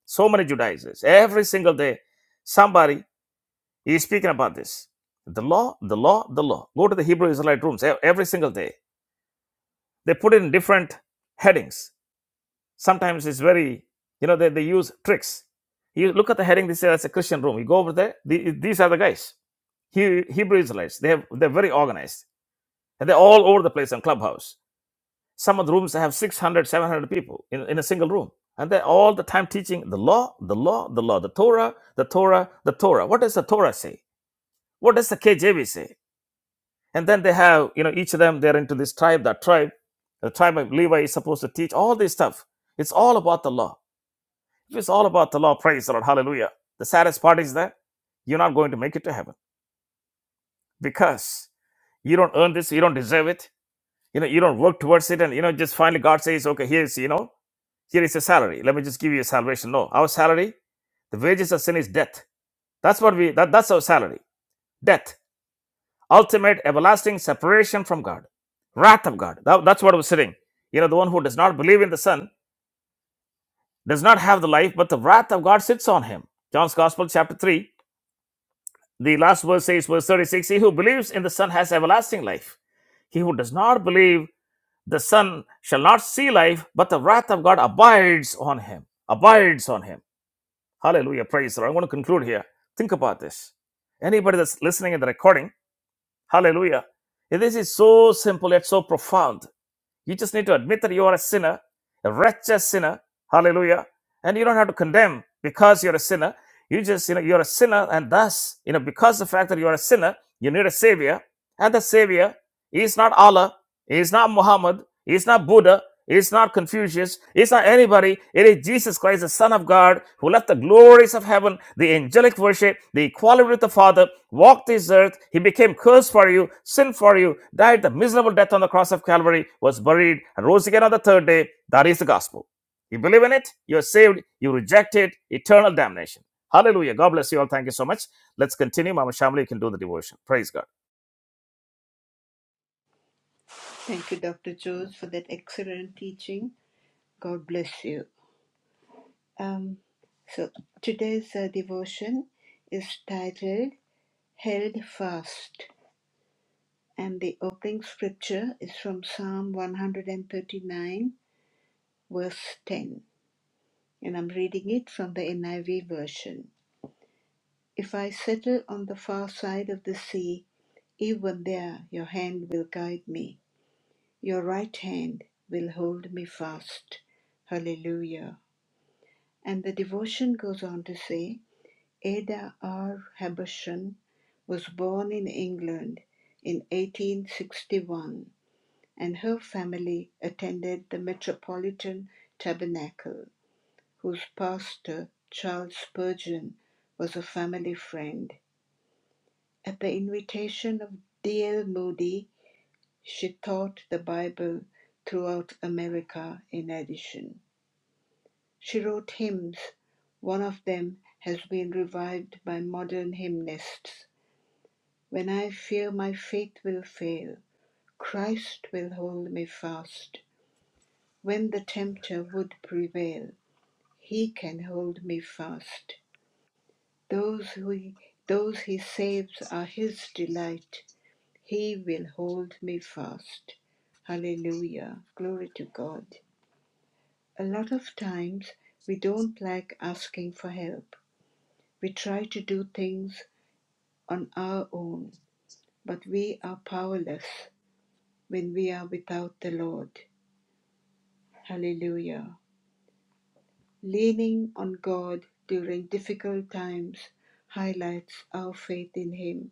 Speaker 1: So many Judaizers. Every single day, somebody is speaking about this. The law, the law, the law. Go to the Hebrew Israelite rooms e- every single day. They put it in different headings. Sometimes it's very, you know, they, they use tricks. You look at the heading, they say that's a Christian room. You go over there, the, these are the guys. Hebrew Israelites, they have, they're very organized and they're all over the place on clubhouse some of the rooms have 600, 700 people in, in a single room and they're all the time teaching the law the law the law the torah the torah the torah what does the torah say what does the kjv say and then they have you know each of them they're into this tribe that tribe the tribe of levi is supposed to teach all this stuff it's all about the law if it's all about the law praise the lord hallelujah the saddest part is that you're not going to make it to heaven because you don't earn this you don't deserve it You know, you don't work towards it, and you know, just finally God says, okay, here's you know, here is a salary. Let me just give you a salvation. No, our salary, the wages of sin is death. That's what we that, that's our salary. Death. Ultimate everlasting separation from God. Wrath of God. That- that's what was sitting. You know, the one who does not believe in the Son does not have the life, but the wrath of God sits on him. John's Gospel, chapter 3, the last verse says, verse 36 He who believes in the Son has everlasting life. He who does not believe the son shall not see life, but the wrath of God abides on him. Abides on him. Hallelujah. Praise the Lord. i want to conclude here. Think about this. Anybody that's listening in the recording, hallelujah. This is so simple yet so profound. You just need to admit that you are a sinner, a wretched sinner. Hallelujah. And you don't have to condemn because you're a sinner. You just, you know, you're a sinner, and thus, you know, because of the fact that you're a sinner, you need a savior. And the savior is not Allah, he is not Muhammad, he is not Buddha, it's not Confucius. It's not anybody. It is Jesus Christ, the Son of God, who left the glories of heaven, the angelic worship, the equality with the Father, walked this earth. He became cursed for you, sin for you, died the miserable death on the cross of Calvary, was buried, and rose again on the third day. That is the gospel. You believe in it, you're saved. You reject it, eternal damnation. Hallelujah. God bless you all. Thank you so much. Let's continue. Mama Shamli, you can do the devotion. Praise God.
Speaker 2: Thank you, Dr. Jones, for that excellent teaching. God bless you. Um, so today's uh, devotion is titled Held Fast, and the opening scripture is from Psalm 139, verse 10. And I'm reading it from the NIV version. If I settle on the far side of the sea, even there your hand will guide me, your right hand will hold me fast. Hallelujah. And the devotion goes on to say, Ada R. Habershon was born in England in 1861, and her family attended the Metropolitan Tabernacle, whose pastor, Charles Spurgeon, was a family friend. At the invitation of D.L. Moody, she taught the Bible throughout America in addition. She wrote hymns. One of them has been revived by modern hymnists. When I fear my faith will fail, Christ will hold me fast. When the tempter would prevail, he can hold me fast. Those who those he saves are his delight. He will hold me fast. Hallelujah. Glory to God. A lot of times we don't like asking for help. We try to do things on our own, but we are powerless when we are without the Lord. Hallelujah. Leaning on God during difficult times highlights our faith in Him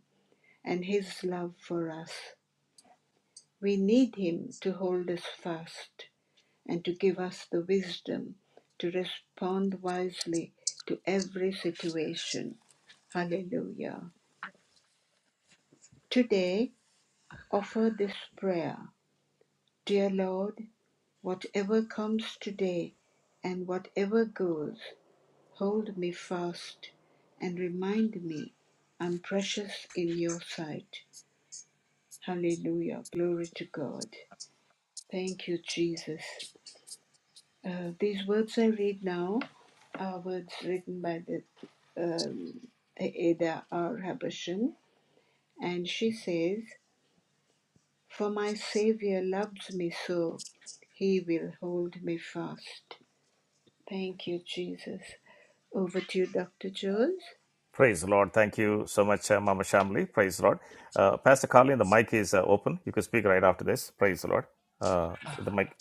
Speaker 2: and His love for us. We need Him to hold us fast and to give us the wisdom to respond wisely to every situation. Hallelujah. Today, offer this prayer Dear Lord, whatever comes today and whatever goes, Hold me fast and remind me I'm precious in your sight. Hallelujah. Glory to God. Thank you, Jesus. Uh, these words I read now are words written by the um, Ada R. Habersham, and she says, For my Savior loves me so, he will hold me fast. Thank you, Jesus. Over to you, Dr. Jones.
Speaker 1: Praise the Lord. Thank you so much, uh, Mama Shamli. Praise the Lord. Uh, Pastor Carlin, the mic is uh, open. You can speak right after this. Praise the Lord. Uh, the mic,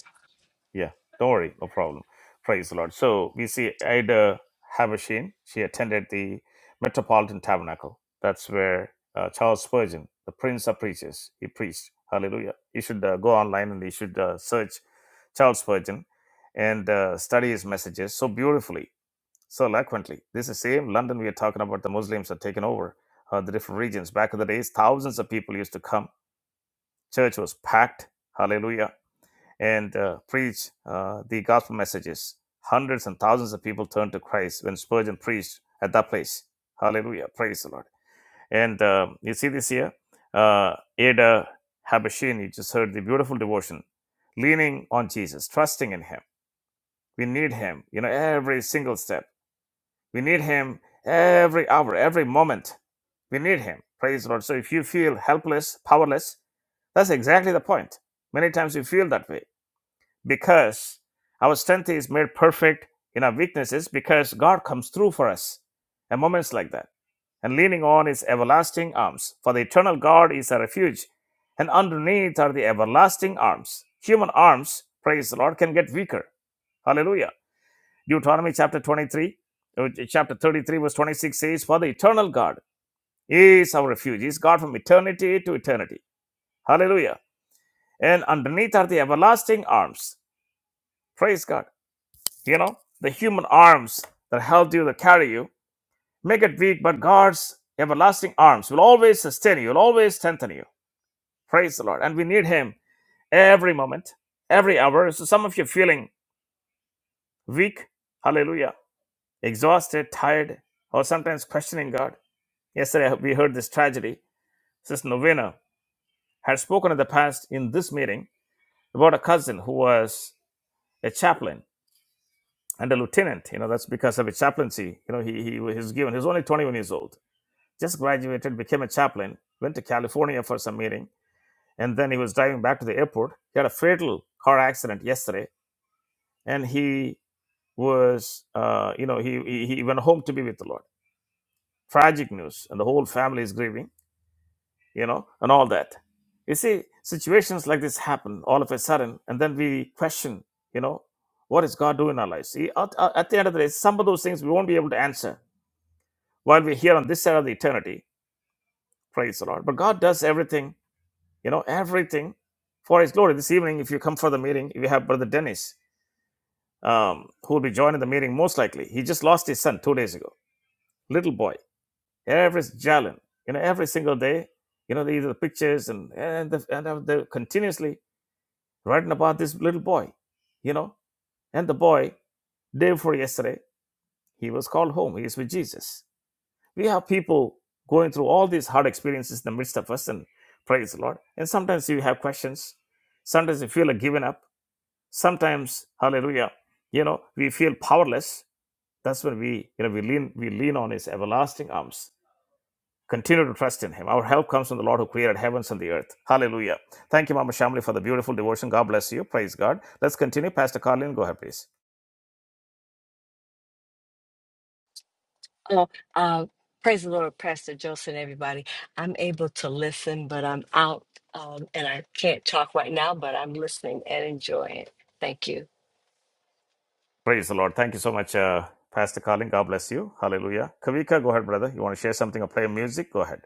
Speaker 1: yeah, don't worry, no problem. Praise the Lord. So we see Ida Habashin. She attended the Metropolitan Tabernacle. That's where uh, Charles Spurgeon, the Prince of Preachers, he preached. Hallelujah. You should uh, go online and you should uh, search Charles Spurgeon and uh, study his messages so beautifully so eloquently. This is same London we are talking about. The Muslims had taken over uh, the different regions. Back in the days, thousands of people used to come. Church was packed. Hallelujah. And uh, preach uh, the gospel messages. Hundreds and thousands of people turned to Christ when Spurgeon preached at that place. Hallelujah. Praise the Lord. And uh, you see this here, uh, Ada Habashin, you just heard the beautiful devotion, leaning on Jesus, trusting in Him. We need Him, you know, every single step we need Him every hour, every moment. We need Him. Praise the Lord. So if you feel helpless, powerless, that's exactly the point. Many times we feel that way because our strength is made perfect in our weaknesses because God comes through for us at moments like that. And leaning on His everlasting arms. For the eternal God is a refuge, and underneath are the everlasting arms. Human arms, praise the Lord, can get weaker. Hallelujah. Deuteronomy chapter 23, uh, chapter 33, verse 26 says, For the eternal God is our refuge, is God from eternity to eternity. Hallelujah. And underneath are the everlasting arms. Praise God. You know, the human arms that held you, that carry you, make it weak, but God's everlasting arms will always sustain you, will always strengthen you. Praise the Lord. And we need Him every moment, every hour. So some of you are feeling weak, hallelujah, exhausted, tired, or sometimes questioning God. Yesterday, we heard this tragedy. Sister Novena had spoken in the past in this meeting about a cousin who was a chaplain and a lieutenant. You know, that's because of his chaplaincy. You know, he, he was given, he was only 21 years old, just graduated, became a chaplain, went to California for some meeting, and then he was driving back to the airport. He had a fatal car accident yesterday, and he was, uh, you know, he, he, he went home to be with the Lord. Tragic news, and the whole family is grieving you know, and all that. You see, situations like this happen all of a sudden, and then we question, you know, what is God doing in our lives? See, at, at the end of the day, some of those things we won't be able to answer while we're here on this side of the eternity. Praise the Lord. But God does everything, you know, everything for His glory. This evening, if you come for the meeting, we have Brother Dennis, um, who will be joining the meeting most likely. He just lost his son two days ago, little boy. Every Jalen, you know, every single day, you know, the, the pictures and and the, and the continuously writing about this little boy, you know. And the boy, day before yesterday, he was called home. He is with Jesus. We have people going through all these hard experiences in the midst of us, and praise the Lord. And sometimes you have questions. Sometimes you feel like giving up. Sometimes, hallelujah, you know, we feel powerless. That's when we, you know, we lean, we lean on his everlasting arms Continue to trust in Him. Our help comes from the Lord who created heavens and the earth. Hallelujah. Thank you, Mama Shamli, for the beautiful devotion. God bless you. Praise God. Let's continue. Pastor Carlin, go ahead, please.
Speaker 4: Oh, uh, praise the Lord, Pastor Joseph, and everybody. I'm able to listen, but I'm out um, and I can't talk right now, but I'm listening and enjoying. Thank you.
Speaker 1: Praise the Lord. Thank you so much, uh, Pastor Carlin. God bless you. Hallelujah. Kavika, go ahead, brother. You want to share something or play music? Go ahead.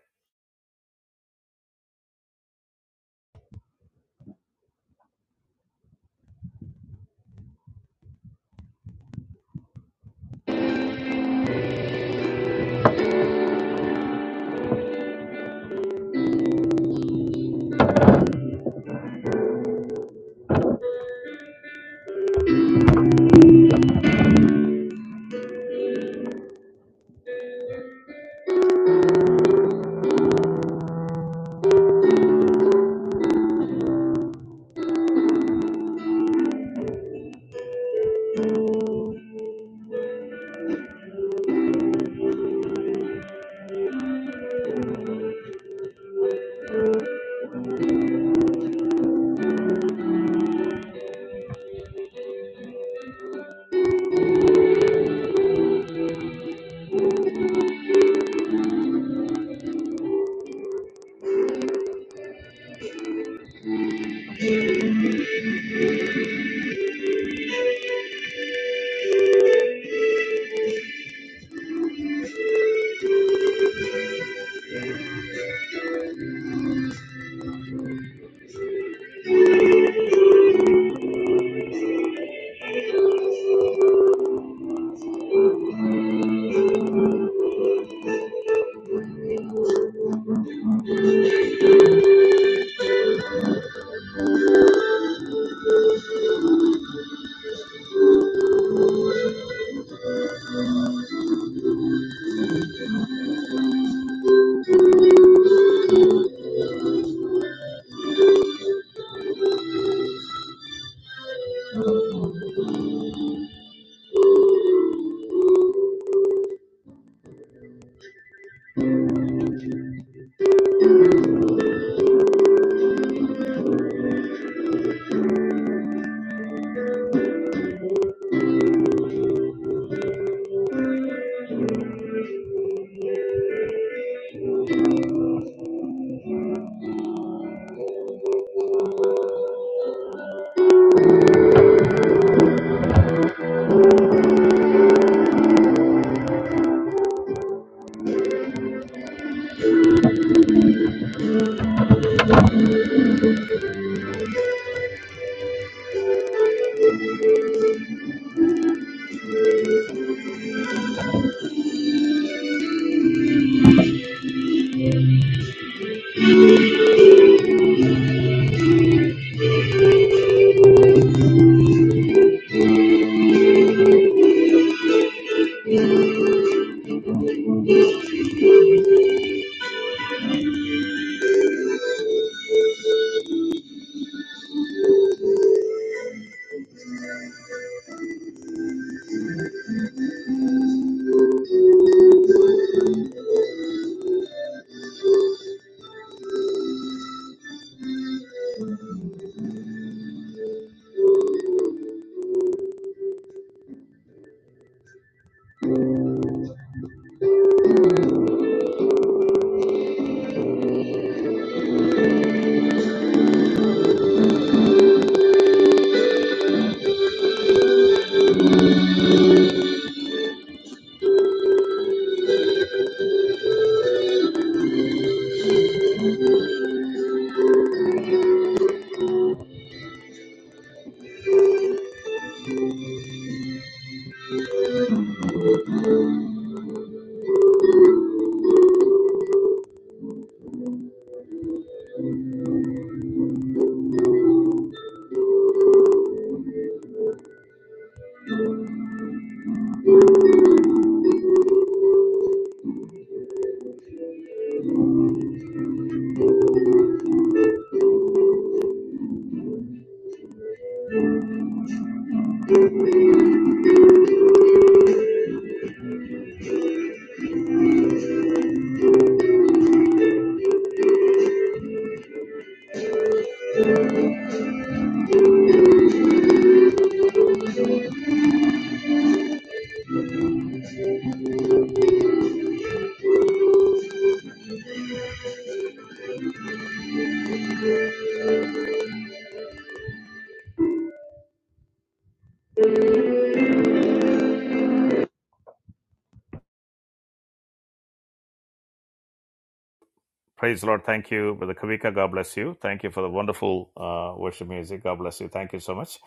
Speaker 1: Praise the Lord. Thank you, Brother Kavika. God bless you. Thank you for the wonderful uh, worship music. God bless you. Thank you so much.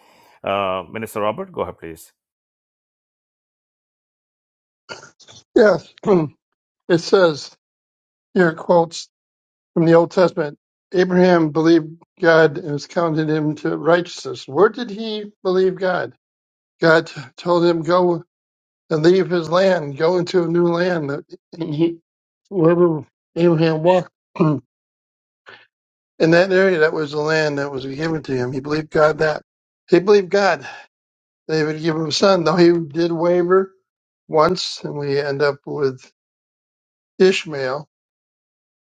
Speaker 1: Uh, Minister Robert, go ahead, please.
Speaker 5: Yes, it says here quotes from the Old Testament. Abraham believed God and was counted him to righteousness. Where did he believe God? God told him go and leave his land, go into a new land. that He, wherever Abraham walked in that area, that was the land that was given to him. He believed God that he believed God. They would give him a son, though he did waver once, and we end up with Ishmael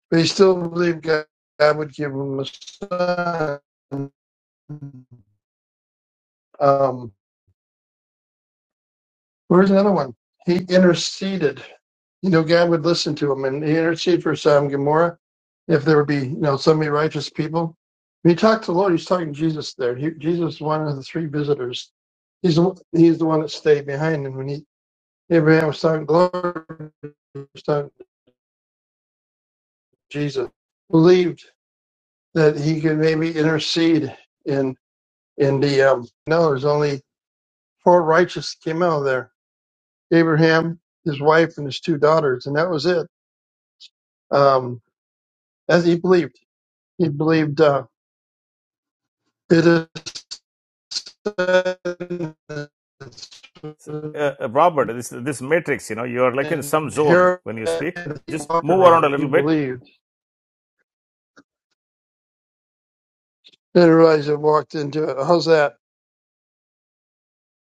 Speaker 5: But he still believed God, God would give him a son. Um, where's the other one? He interceded. You know, God would listen to him and he interceded for Sodom and Gomorrah if there would be, you know, so many righteous people. When he talked to the Lord, he's talking to Jesus there. He, Jesus is one of the three visitors. He's the, he's the one that stayed behind. And when he, Abraham was talking to the Lord, he was talking to Jesus, believed that he could maybe intercede in in the um no there's only four righteous came out of there Abraham, his wife, and his two daughters, and that was it. Um, as he believed, he believed uh, it is said,
Speaker 1: Uh, uh, Robert, this this matrix, you know, you are like in some
Speaker 5: and
Speaker 1: zone
Speaker 5: Herod
Speaker 1: when you speak. Just
Speaker 5: walked
Speaker 1: move around a
Speaker 5: around. He
Speaker 1: little bit
Speaker 5: believed. Didn't realize he walked into it. How's that?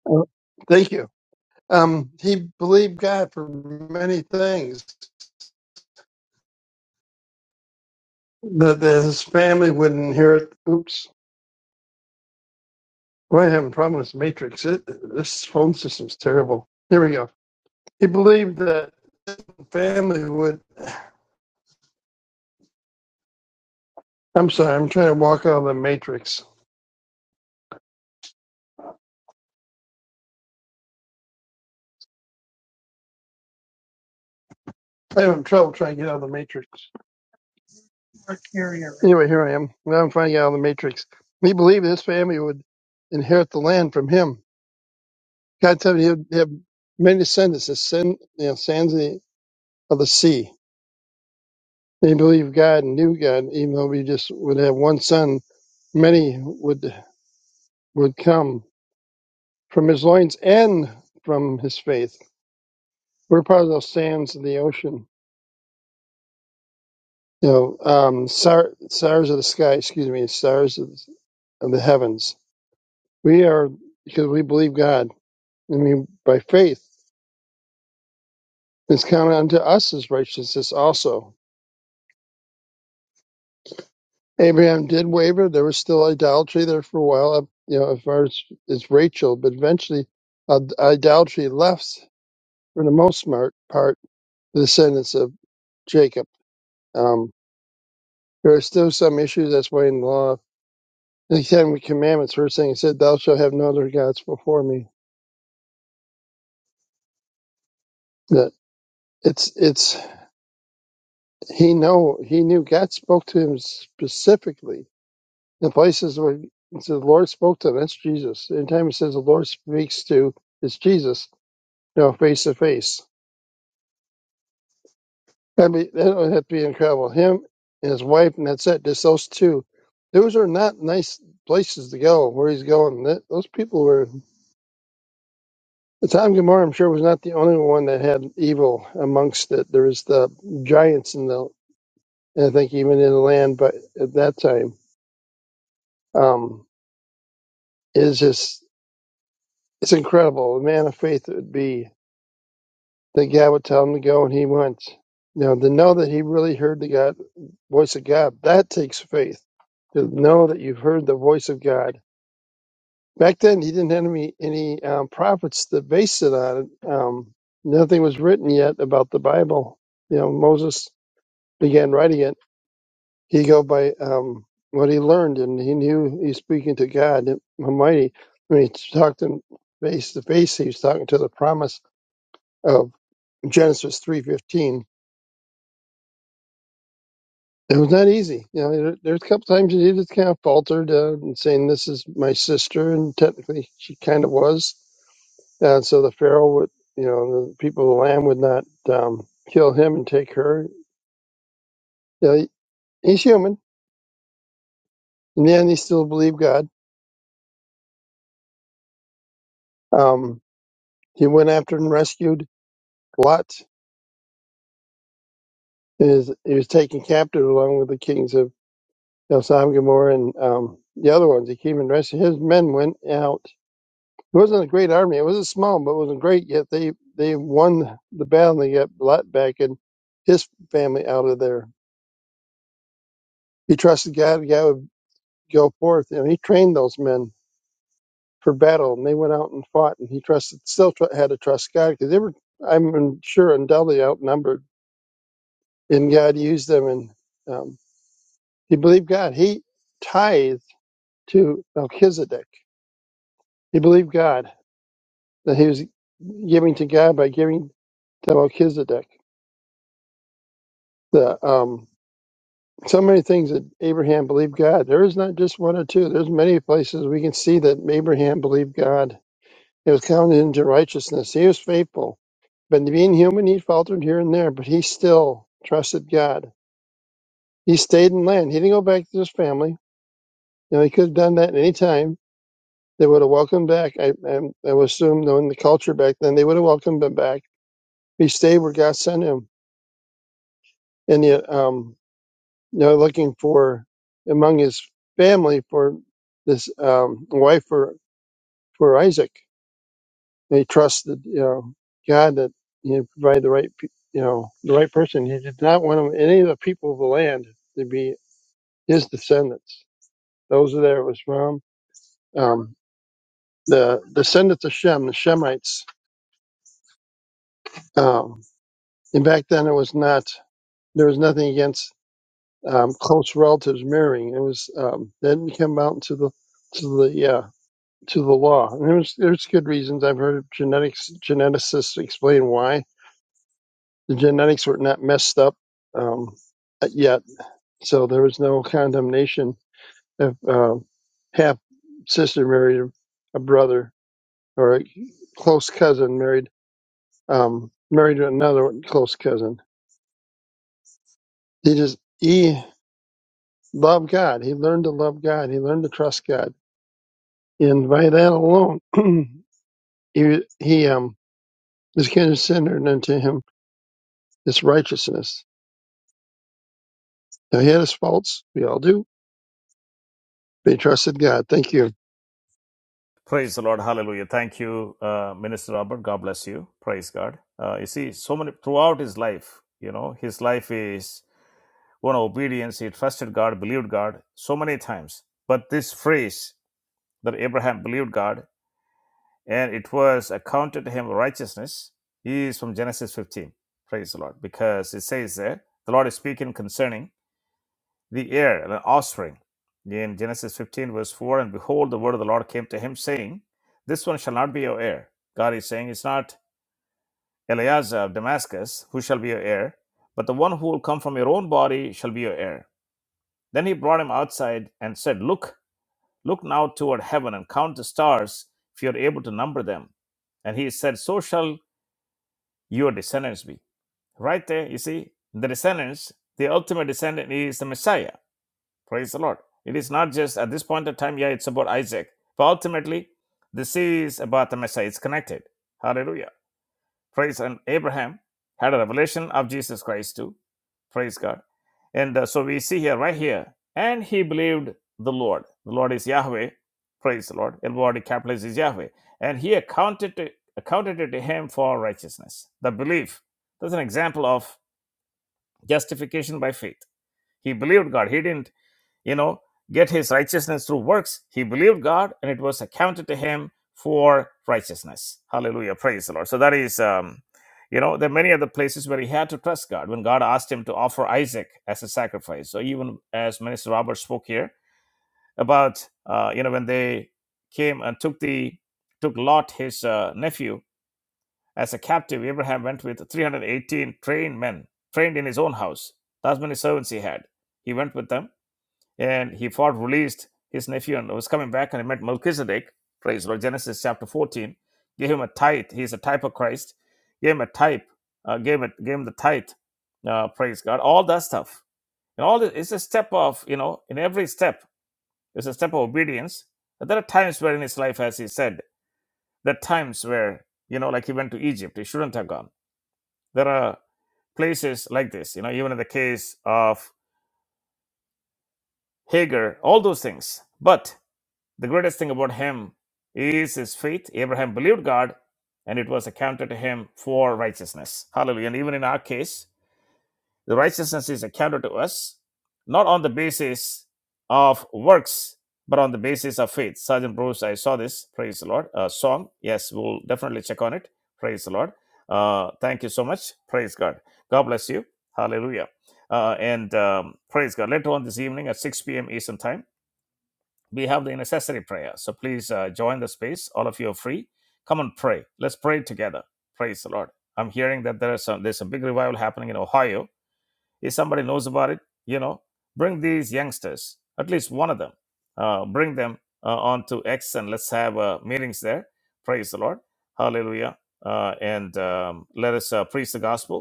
Speaker 5: Uh, Thank you. Um, he believed God for many things that that his family would inherit. Oops, why am I having a problem with this matrix? It, this phone system's terrible. Here we go He believed that family would. I'm sorry, I'm trying to walk out of the matrix. I'm having trouble trying to get out of the matrix. Anyway, here I am. Now I'm trying to get out of the matrix. He believed his family would inherit the land from him. God said he would have many descendants, the sin, you know, sands of the, of the sea. They believed God and knew God, even though we just would have one son. Many would would come from his loins and from his faith. We're part of those sands of the ocean You know, um, star, stars of the sky, excuse me, stars of, of the heavens. We are, because we believe God. I mean, by faith, it's counted unto us as righteousness also. Abraham did waver. There was still idolatry there for a while, you know, as far as, as Rachel, but eventually uh, idolatry left, for the most mar- part, the descendants of Jacob. Um, there are still some issues, that's why in the law, the Ten Commandments, first thing it said, Thou shalt have no other gods before me It's it's he know he knew God spoke to him specifically in places where it says the Lord spoke to him. That's Jesus. Anytime he says the Lord speaks to, it's Jesus. You know, face to face. I mean, that would have to be incredible. Him and his wife, and that's it. Just those two. Those are not nice places to go. Where he's going, that, those people were. The time Gomorrah, I'm sure, was not the only one that had evil amongst it. There was the giants in the, and I think even in the land, but at that time. Um, It's just, it's incredible. A man of faith it would be. The guy would tell him to go and he went. You know, to know that he really heard the God, voice of God, that takes faith. To know that you've heard the voice of God. Back then, he didn't have any, any um, prophets that based it on it. Um, nothing was written yet about the Bible. You know, Moses began writing it He go by um, what he learned, and he knew he's speaking to God Almighty. When he talked to him face to face, he was talking to the promise of Genesis three fifteen. It was not easy. You know, there, there's a couple times he just kind of faltered uh, and saying, "This is my sister," and technically she kind of was. And so the Pharaoh would, you know, the people of the land would not um, kill him and take her. You know, he's human. In the end, he still believed God. Um, he went after and rescued Lot is he was taken captive along with the kings of El Sodom, Gomorrah, and um, the other ones. He came and rescued his men. Went out. It wasn't a great army. It wasn't small, but it wasn't great. Yet they they won the battle. and They got Lot back and his family out of there. He trusted God. and God would go forth, and he trained those men for battle, and they went out and fought. And he trusted, still tr- had to trust God because they were, I'm sure, undoubtedly outnumbered. And God used them, and um, he believed God. He tithed to Melchizedek. He believed God that he was giving to God by giving to Melchizedek. The um, so many things that Abraham believed God. There is not just one or two. There's many places we can see that Abraham believed God. It was counted into righteousness. He was faithful. But being human, he faltered here and there, but he still trusted God. He stayed in land. He didn't go back to his family. You know, he could have done that at any time. They would have welcomed back. I, I, I would assume, knowing the culture back then, they would have welcomed him back He stayed where God sent him, and yet, um, you know, looking for among his family for this um, wife for for Isaac. And he trusted, you know, God that he would provide the right, pe- you know, the right person. He did not want him, any of the people of the land to be his descendants. Those are there it was from um, the descendants of Shem, the Shemites. Um, and back then, it was not there was nothing against um, close relatives marrying. It was um, that didn't come out to the to the uh, to the law, and there's there's good reasons. I've heard genetics geneticists explain why the genetics were not messed up um, yet, so there was no condemnation if uh, half sister married a brother or a close cousin married um, married another close cousin. He just he loved God. He learned to love God. He learned to trust God And by that alone, he, he um, is considered unto him this righteousness. Now, he had his faults. We all do. But he trusted God. Thank you.
Speaker 1: Praise the Lord. Hallelujah. Thank you, uh, Minister Robert. God bless you. Praise God. Uh, you see, so many throughout his life, you know, his life is one of obedience. He trusted God, believed God so many times. But this phrase that Abraham believed God and it was accounted to him righteousness is from Genesis 15. Praise the Lord. Because it says there, the Lord is speaking concerning the heir, and an offspring. In Genesis 15, verse 4, and behold, the word of the Lord came to him, saying, This one shall not be your heir. God is saying, It's not Eleazar of Damascus who shall be your heir, but the one who will come from your own body shall be your heir. Then he brought him outside and said, Look, look now toward heaven and count the stars, if you are able to number them. And he said, So shall your descendants be. Right there, you see, the descendants, the ultimate descendant is the Messiah Praise the Lord. It is not just at this point of time, yeah, it's about Isaac. But ultimately, this is about the Messiah. It's connected. Hallelujah. Praise and Abraham had a revelation of Jesus Christ too. Praise God. And uh, so we see here, right here, and he believed the Lord. The Lord is Yahweh. Praise the Lord. Lord word capitalized is Yahweh. And he accounted to, accounted it to him for righteousness. The belief. That's an example of justification by faith. He believed God. He didn't you know, get his righteousness through works. He believed God, and it was accounted to him for righteousness. Hallelujah. Praise the Lord. So that is, um, you know, there are many other places where he had to trust God when God asked him to offer Isaac as a sacrifice. So even as Minister Robert spoke here about, uh, you know, when they came and took the took Lot, his uh, nephew, as a captive, Abraham went with 318 trained men, trained in his own house. That's many servants he had. He went with them and he fought, released his nephew, and was coming back, and he met Melchizedek. Praise the Lord. Genesis chapter 14. Gave him a tithe. He's a type of Christ. Gave him a type. Uh, gave it. Gave him the tithe. Uh, praise God. All that stuff. And all this, it's a step of you know. In every step, it's a step of obedience. But there are times where in his life, as he said, there are times where you know, like he went to Egypt. He shouldn't have gone. There are places like this. You know, even in the case of Hagar, all those things. But The greatest thing about him is his faith. Abraham believed God, and it was accounted to him for righteousness. Hallelujah. And even in our case, the righteousness is accounted to us not on the basis of works, but on the basis of faith. Sergeant Bruce, I saw this. Praise the Lord. Uh, song. Yes, we'll definitely check on it. Praise the Lord. Uh, thank you so much. Praise God. God bless you. Hallelujah. Uh, and um, praise God. Later on this evening at 6 p.m. Eastern Time we have the necessary prayer. So please uh, join the space. All of you are free. Come and pray. Let's pray together. Praise the Lord. I'm hearing that there is some, there's a big revival happening in Ohio. If somebody knows about it, you know, bring these youngsters, at least one of them, uh, bring them uh, onto X and let's have uh, meetings there. Praise the Lord. Hallelujah. Uh, and um, let us uh, preach the gospel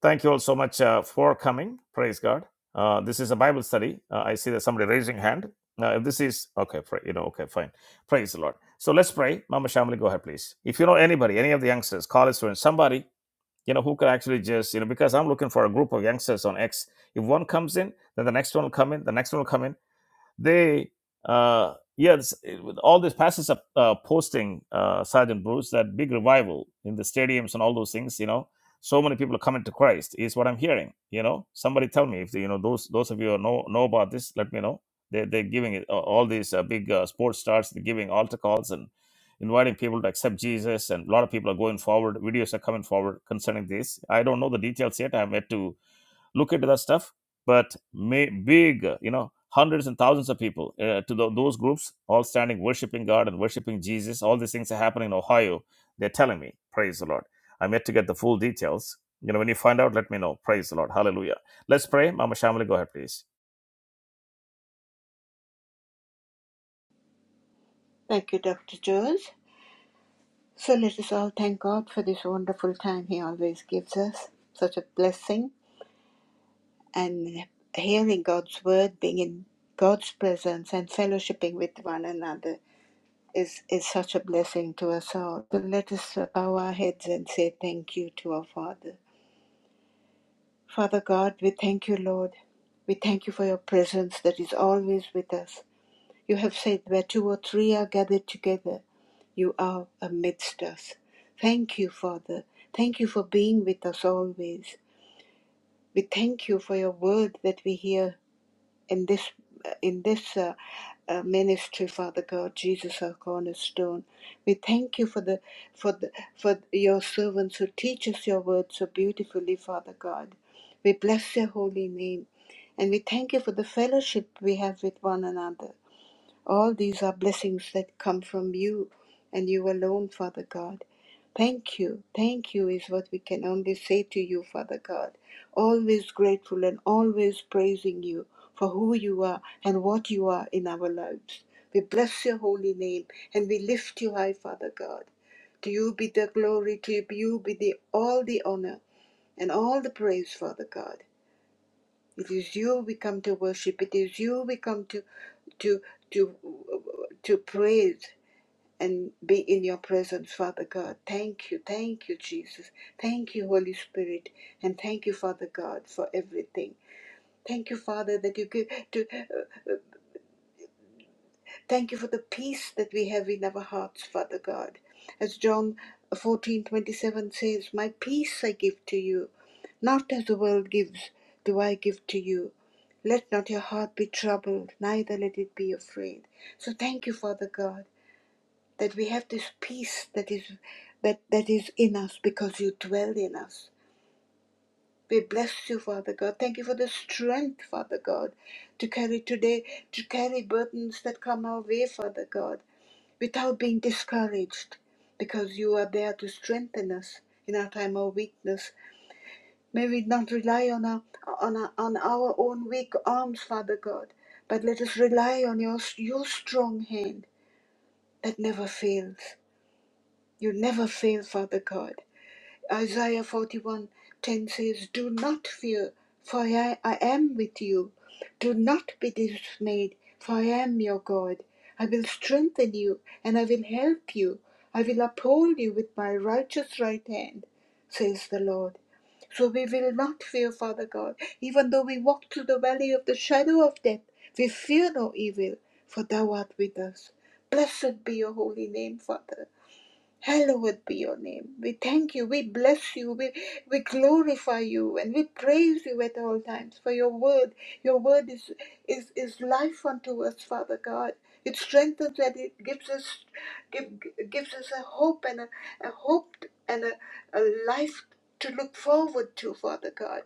Speaker 1: Thank you all so much uh, for coming. Praise God. Uh, this is a Bible study. Uh, I see that somebody raising hand. Uh, if this is okay, pray, you know, okay, fine. Praise the Lord. So let's pray. Mama Shamali, go ahead, please. If you know anybody, any of the youngsters, college students, somebody, you know, who could actually just, you know, because I'm looking for a group of youngsters on X. If one comes in, then the next one will come in, the next one will come in. They, uh, yes, it- with all these pastors are uh, posting, uh, Sergeant Bruce, that big revival in the stadiums and all those things. You know, so many people are coming to Christ is what I'm hearing. You know, somebody tell me if you know those those of you who know know about this. Let me know. They they're giving it uh, all these uh, big uh, sports stars. They're giving altar calls and inviting people to accept Jesus, and a lot of people are going forward. Videos are coming forward concerning this. I don't know the details yet. i have yet to look into that stuff but may big uh, you know hundreds and thousands of people uh, to tho- those groups all standing worshiping god and worshiping jesus all these things are happening in ohio they're telling me praise the lord i'm yet to get the full details you know when you find out let me know praise the lord hallelujah let's pray mama shamali go ahead please
Speaker 2: Thank you, Dr. Jones. So let us all thank God for this wonderful time He always gives us, such a blessing, and hearing God's word, being in God's presence, and fellowshipping with one another is, is such a blessing to us all. So let us bow our heads and say thank you to our Father. Father God, we thank you, Lord. We thank you for your presence that is always with us. You have said where two or three are gathered together, you are amidst us. Thank you, Father. Thank you for being with us always. We thank you for your word that we hear in this in this uh, uh, ministry, Father God, Jesus our cornerstone. We thank you for the for the for your servants who teach us your word so beautifully, Father God. We bless your holy name, and we thank you for the fellowship we have with one another. All these are blessings that come from you and you alone, Father God. Thank you. Thank you is what we can only say to you, Father God. Always grateful and always praising you for who you are and what you are in our lives. We bless your holy name and we lift you high, Father God. To you be the glory, to you be the, all the honor and all the praise, Father God. It is you we come to worship. It is you we come to to to to praise and be in your presence, Father God. Thank you, thank you, Jesus. Thank you, Holy Spirit, and thank you, Father God, for everything. Thank you, Father, that you give to. uh, Thank you for the peace that we have in our hearts, Father God. As John 14:27 says, "My peace I give to you, not as the world gives, do I give to you. Let not your heart be troubled, neither let it be afraid." So thank you, Father God, that we have this peace that is that that is in us because you dwell in us. We bless you, Father God. Thank you for the strength, Father God, to carry today, to carry burdens that come our way, Father God without being discouraged, because you are there to strengthen us in our time of weakness. May we not rely on our, on our, on our own weak arms, Father God, but let us rely on your, your strong hand that never fails. You never fail, Father God. Isaiah 41 10 says, Do not fear, for I, I am with you. Do not be dismayed, for I am your God. I will strengthen you, and I will help you. I will uphold you with my righteous right hand, says the Lord. So we will not fear, Father God. Even though we walk through the valley of the shadow of death, we fear no evil, for thou art with us. Blessed be your holy name, Father. Hallowed be your name. We thank you. We bless you. We, we glorify you and we praise you at all times for your word. Your word is, is, is life unto us, Father God. It strengthens and it gives us give, gives us a hope and a, a hope and a, a life to look forward to, Father God.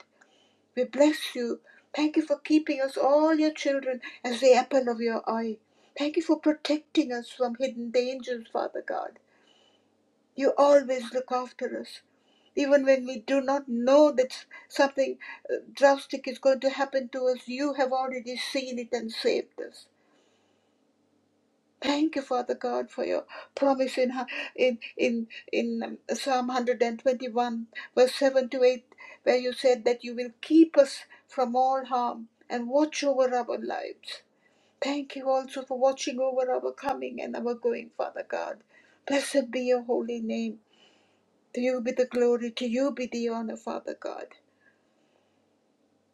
Speaker 2: We bless you. Thank you for keeping us, all your children, as the apple of your eye. Thank you for protecting us from hidden dangers, Father God. You always look after us, even when we do not know that something uh, drastic is going to happen to us. You have already seen it and saved us. Thank you, Father God, for your promise in hu- in in in um, Psalm 121, verse 7 to 8, where you said that you will keep us from all harm and watch over our lives. Thank you also for watching over our coming and our going, Father God. Blessed be your holy name. To you be the glory, to you be the honor, Father God.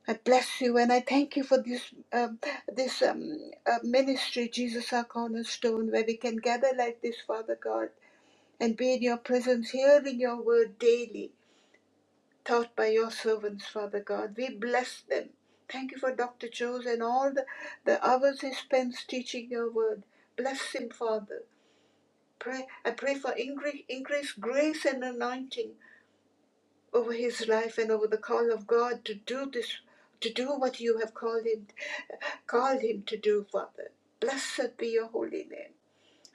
Speaker 2: I bless you and I thank you for this um, this um, uh, ministry, Jesus our cornerstone, where we can gather like this, Father God, and be in your presence, hearing your word daily, taught by your servants, Father God. We bless them. Thank you for Dr. Jones and all the, the hours he spends teaching your word. Bless him, Father. Pray, I pray for increase, increase grace and anointing over his life and over the call of God to do this, to do what you have called him, called him to do, Father. Blessed be your holy name.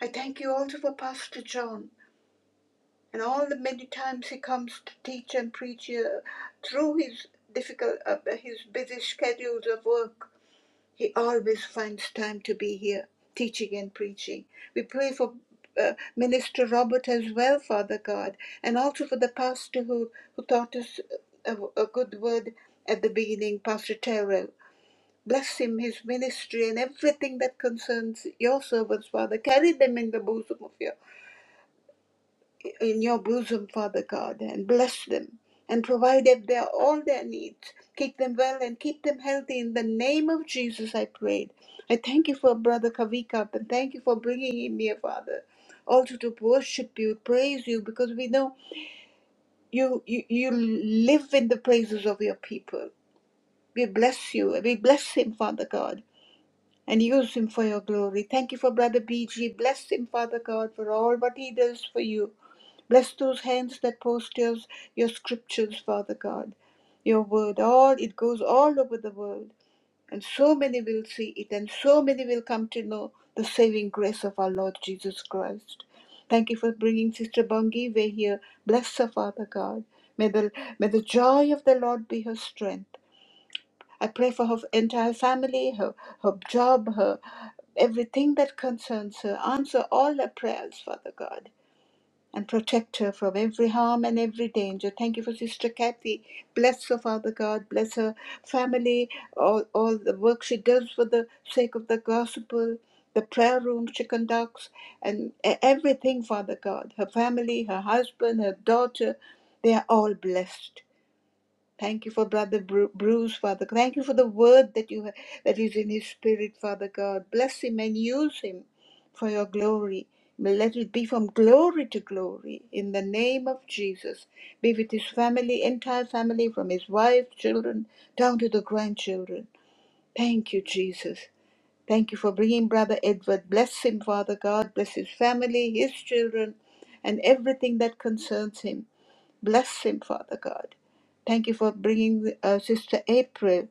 Speaker 2: I thank you also for Pastor John and all the many times he comes to teach and preach here through his difficult, uh, his busy schedules of work he always finds time to be here, teaching and preaching. We pray for uh, Minister Robert as well, Father God, and also for the pastor who, who taught us a, a good word at the beginning, Pastor Terrell. Bless him, his ministry, and everything that concerns your servants, Father. Carry them in the bosom of your in your bosom, Father God, and bless them and provide them their, all their needs. Keep them well and keep them healthy. In the name of Jesus, I prayed. I thank you for Brother Kavika and thank you for bringing him here, Father. Also to worship you, praise you, because we know you, you, you live in the praises of your people. We bless you. and We bless him, Father God, and use him for your glory. Thank you for Brother BG. Bless him, Father God, for all what he does for you Bless those hands that post your, scriptures, Father God, your word. All it goes all over the world, and so many will see it, and so many will come to know the saving grace of our Lord Jesus Christ. Thank you for bringing Sister Bangiwe here. Bless her, Father God. May the may the joy of the Lord be her strength. I pray for her entire family, her her job, her everything that concerns her. Answer all her prayers, Father God and protect her from every harm and every danger. Thank you for Sister Kathy. Bless her, Father God. Bless her family, all, all the work she does for the sake of the gospel, the prayer room she conducts, and e- everything, Father God. Her family, her husband, her daughter, they are all blessed. Thank you for Brother Bru- Bruce, Father. God. Thank you for the word that you have, that is in his spirit, Father God. Bless him and use him for your glory. Let it be from glory to glory in the name of Jesus. Be with his family, entire family, from his wife, children, down to the grandchildren. Thank you, Jesus. Thank you for bringing Brother Edward. Bless him, Father God. Bless his family, his children, and everything that concerns him. Bless him, Father God. Thank you for bringing uh, Sister April.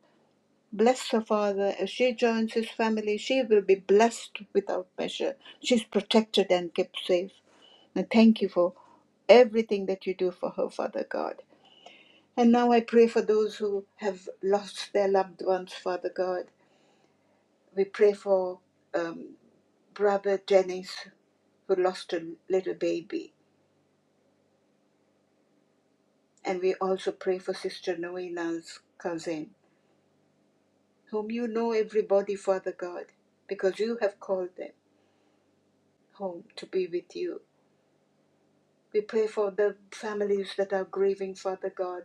Speaker 2: Bless her, Father. As she joins his family, she will be blessed without measure. She's protected and kept safe. And thank you for everything that you do for her, Father God. And now I pray for those who have lost their loved ones, Father God. We pray for um, Brother Dennis, who lost a little baby. And we also pray for Sister Noena's cousin. whom you know everybody, Father God, because you have called them home to be with you. We pray for the families that are grieving, Father God.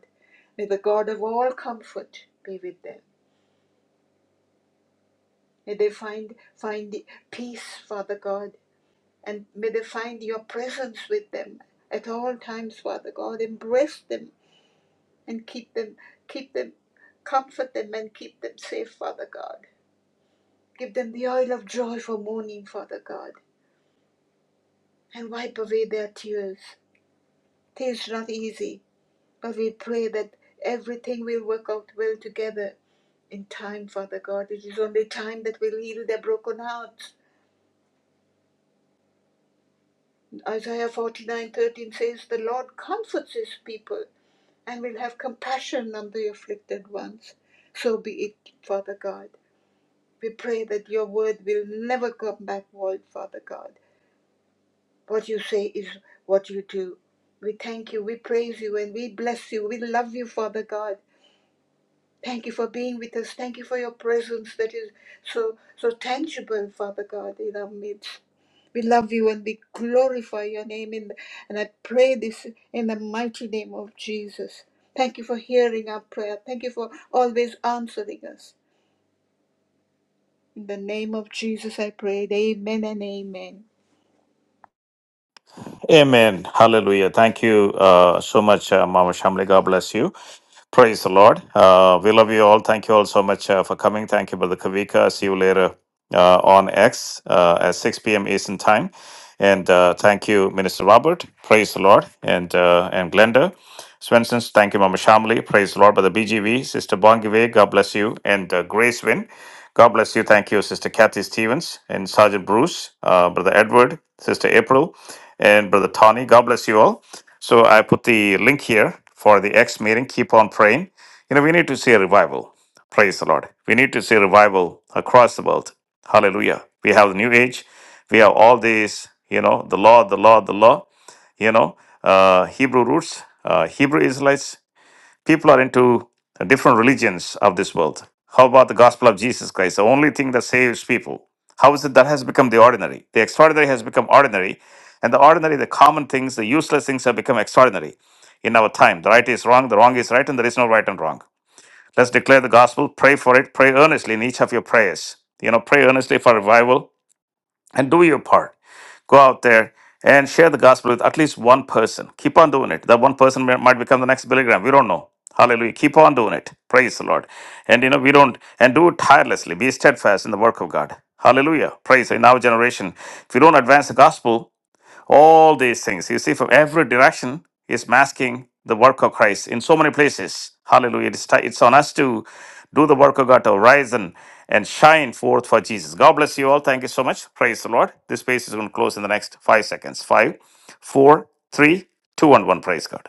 Speaker 2: May the God of all comfort be with them. May they find find peace, Father God, and may they find your presence with them at all times, Father God. Embrace them and keep them, keep them, comfort them and keep them safe, Father God. Give them the oil of joy for mourning, Father God, and wipe away their tears. It is not easy, but we pray that everything will work out well together in time, Father God. It is only time that will heal their broken hearts. Isaiah forty-nine thirteen says, The Lord comforts his people and will have compassion on the afflicted ones. So be it, Father God. We pray that your word will never come back void, Father God. What you say is what you do. We thank you, we praise you, and we bless you. We love you, Father God. Thank you for being with us. Thank you for your presence that is so so tangible, Father God, in our midst. We love you and we glorify your name in and I pray this in the mighty name of Jesus. Thank you for hearing our prayer. Thank you for always answering us. In the name of Jesus I pray. Amen and amen.
Speaker 1: Amen. Hallelujah. Thank you uh, so much, uh, Mama Shamli. God bless you. Praise the Lord. Uh, we love you all. Thank you all so much uh, for coming. Thank you, Brother Kavika. See you later uh, on X uh, at 6 p.m. Eastern Time. And uh, thank you, Minister Robert. Praise the Lord. And uh, and Glenda. Swenson's, thank you, Mama Shamli. Praise the Lord. Brother BGV, Sister Bongive, God bless you. And uh, Grace Win, God bless you. Thank you, Sister Kathy Stevens and Sergeant Bruce, uh, Brother Edward, Sister April, and Brother Tony. God bless you all. So I put the link here for the X meeting. Keep on praying. You know, we need to see a revival. Praise the Lord. We need to see revival across the world. Hallelujah. We have the new age. We have all these, you know, the law, the law, the law you know, uh, Hebrew roots, uh, Hebrew Israelites. People are into different religions of this world. How about the gospel of Jesus Christ, the only thing that saves people? How is it that has become the ordinary? The extraordinary has become ordinary, and the ordinary, the common things, the useless things have become extraordinary in our time. The right is wrong, the wrong is right, and there is no right and wrong. Let's declare the gospel, pray for it, pray earnestly in each of your prayers. You know, pray earnestly for revival and do your part Go out there and share the gospel with at least one person. Keep on doing it. That one person may- might become the next Billy Graham. We don't know. Hallelujah. Keep on doing it. Praise the Lord. And you know, we don't, and do it tirelessly. Be steadfast in the work of God. Hallelujah. Praise in our generation. If you don't advance the gospel, all these things, you see, from every direction, is masking the work of Christ in so many places. Hallelujah. It's, ti- it's on us to do the work of God to rise and, and shine forth for Jesus. God bless you all. Thank you so much. Praise the Lord. This space is going to close in the next five seconds. Five, four, three, two, and one. Praise God.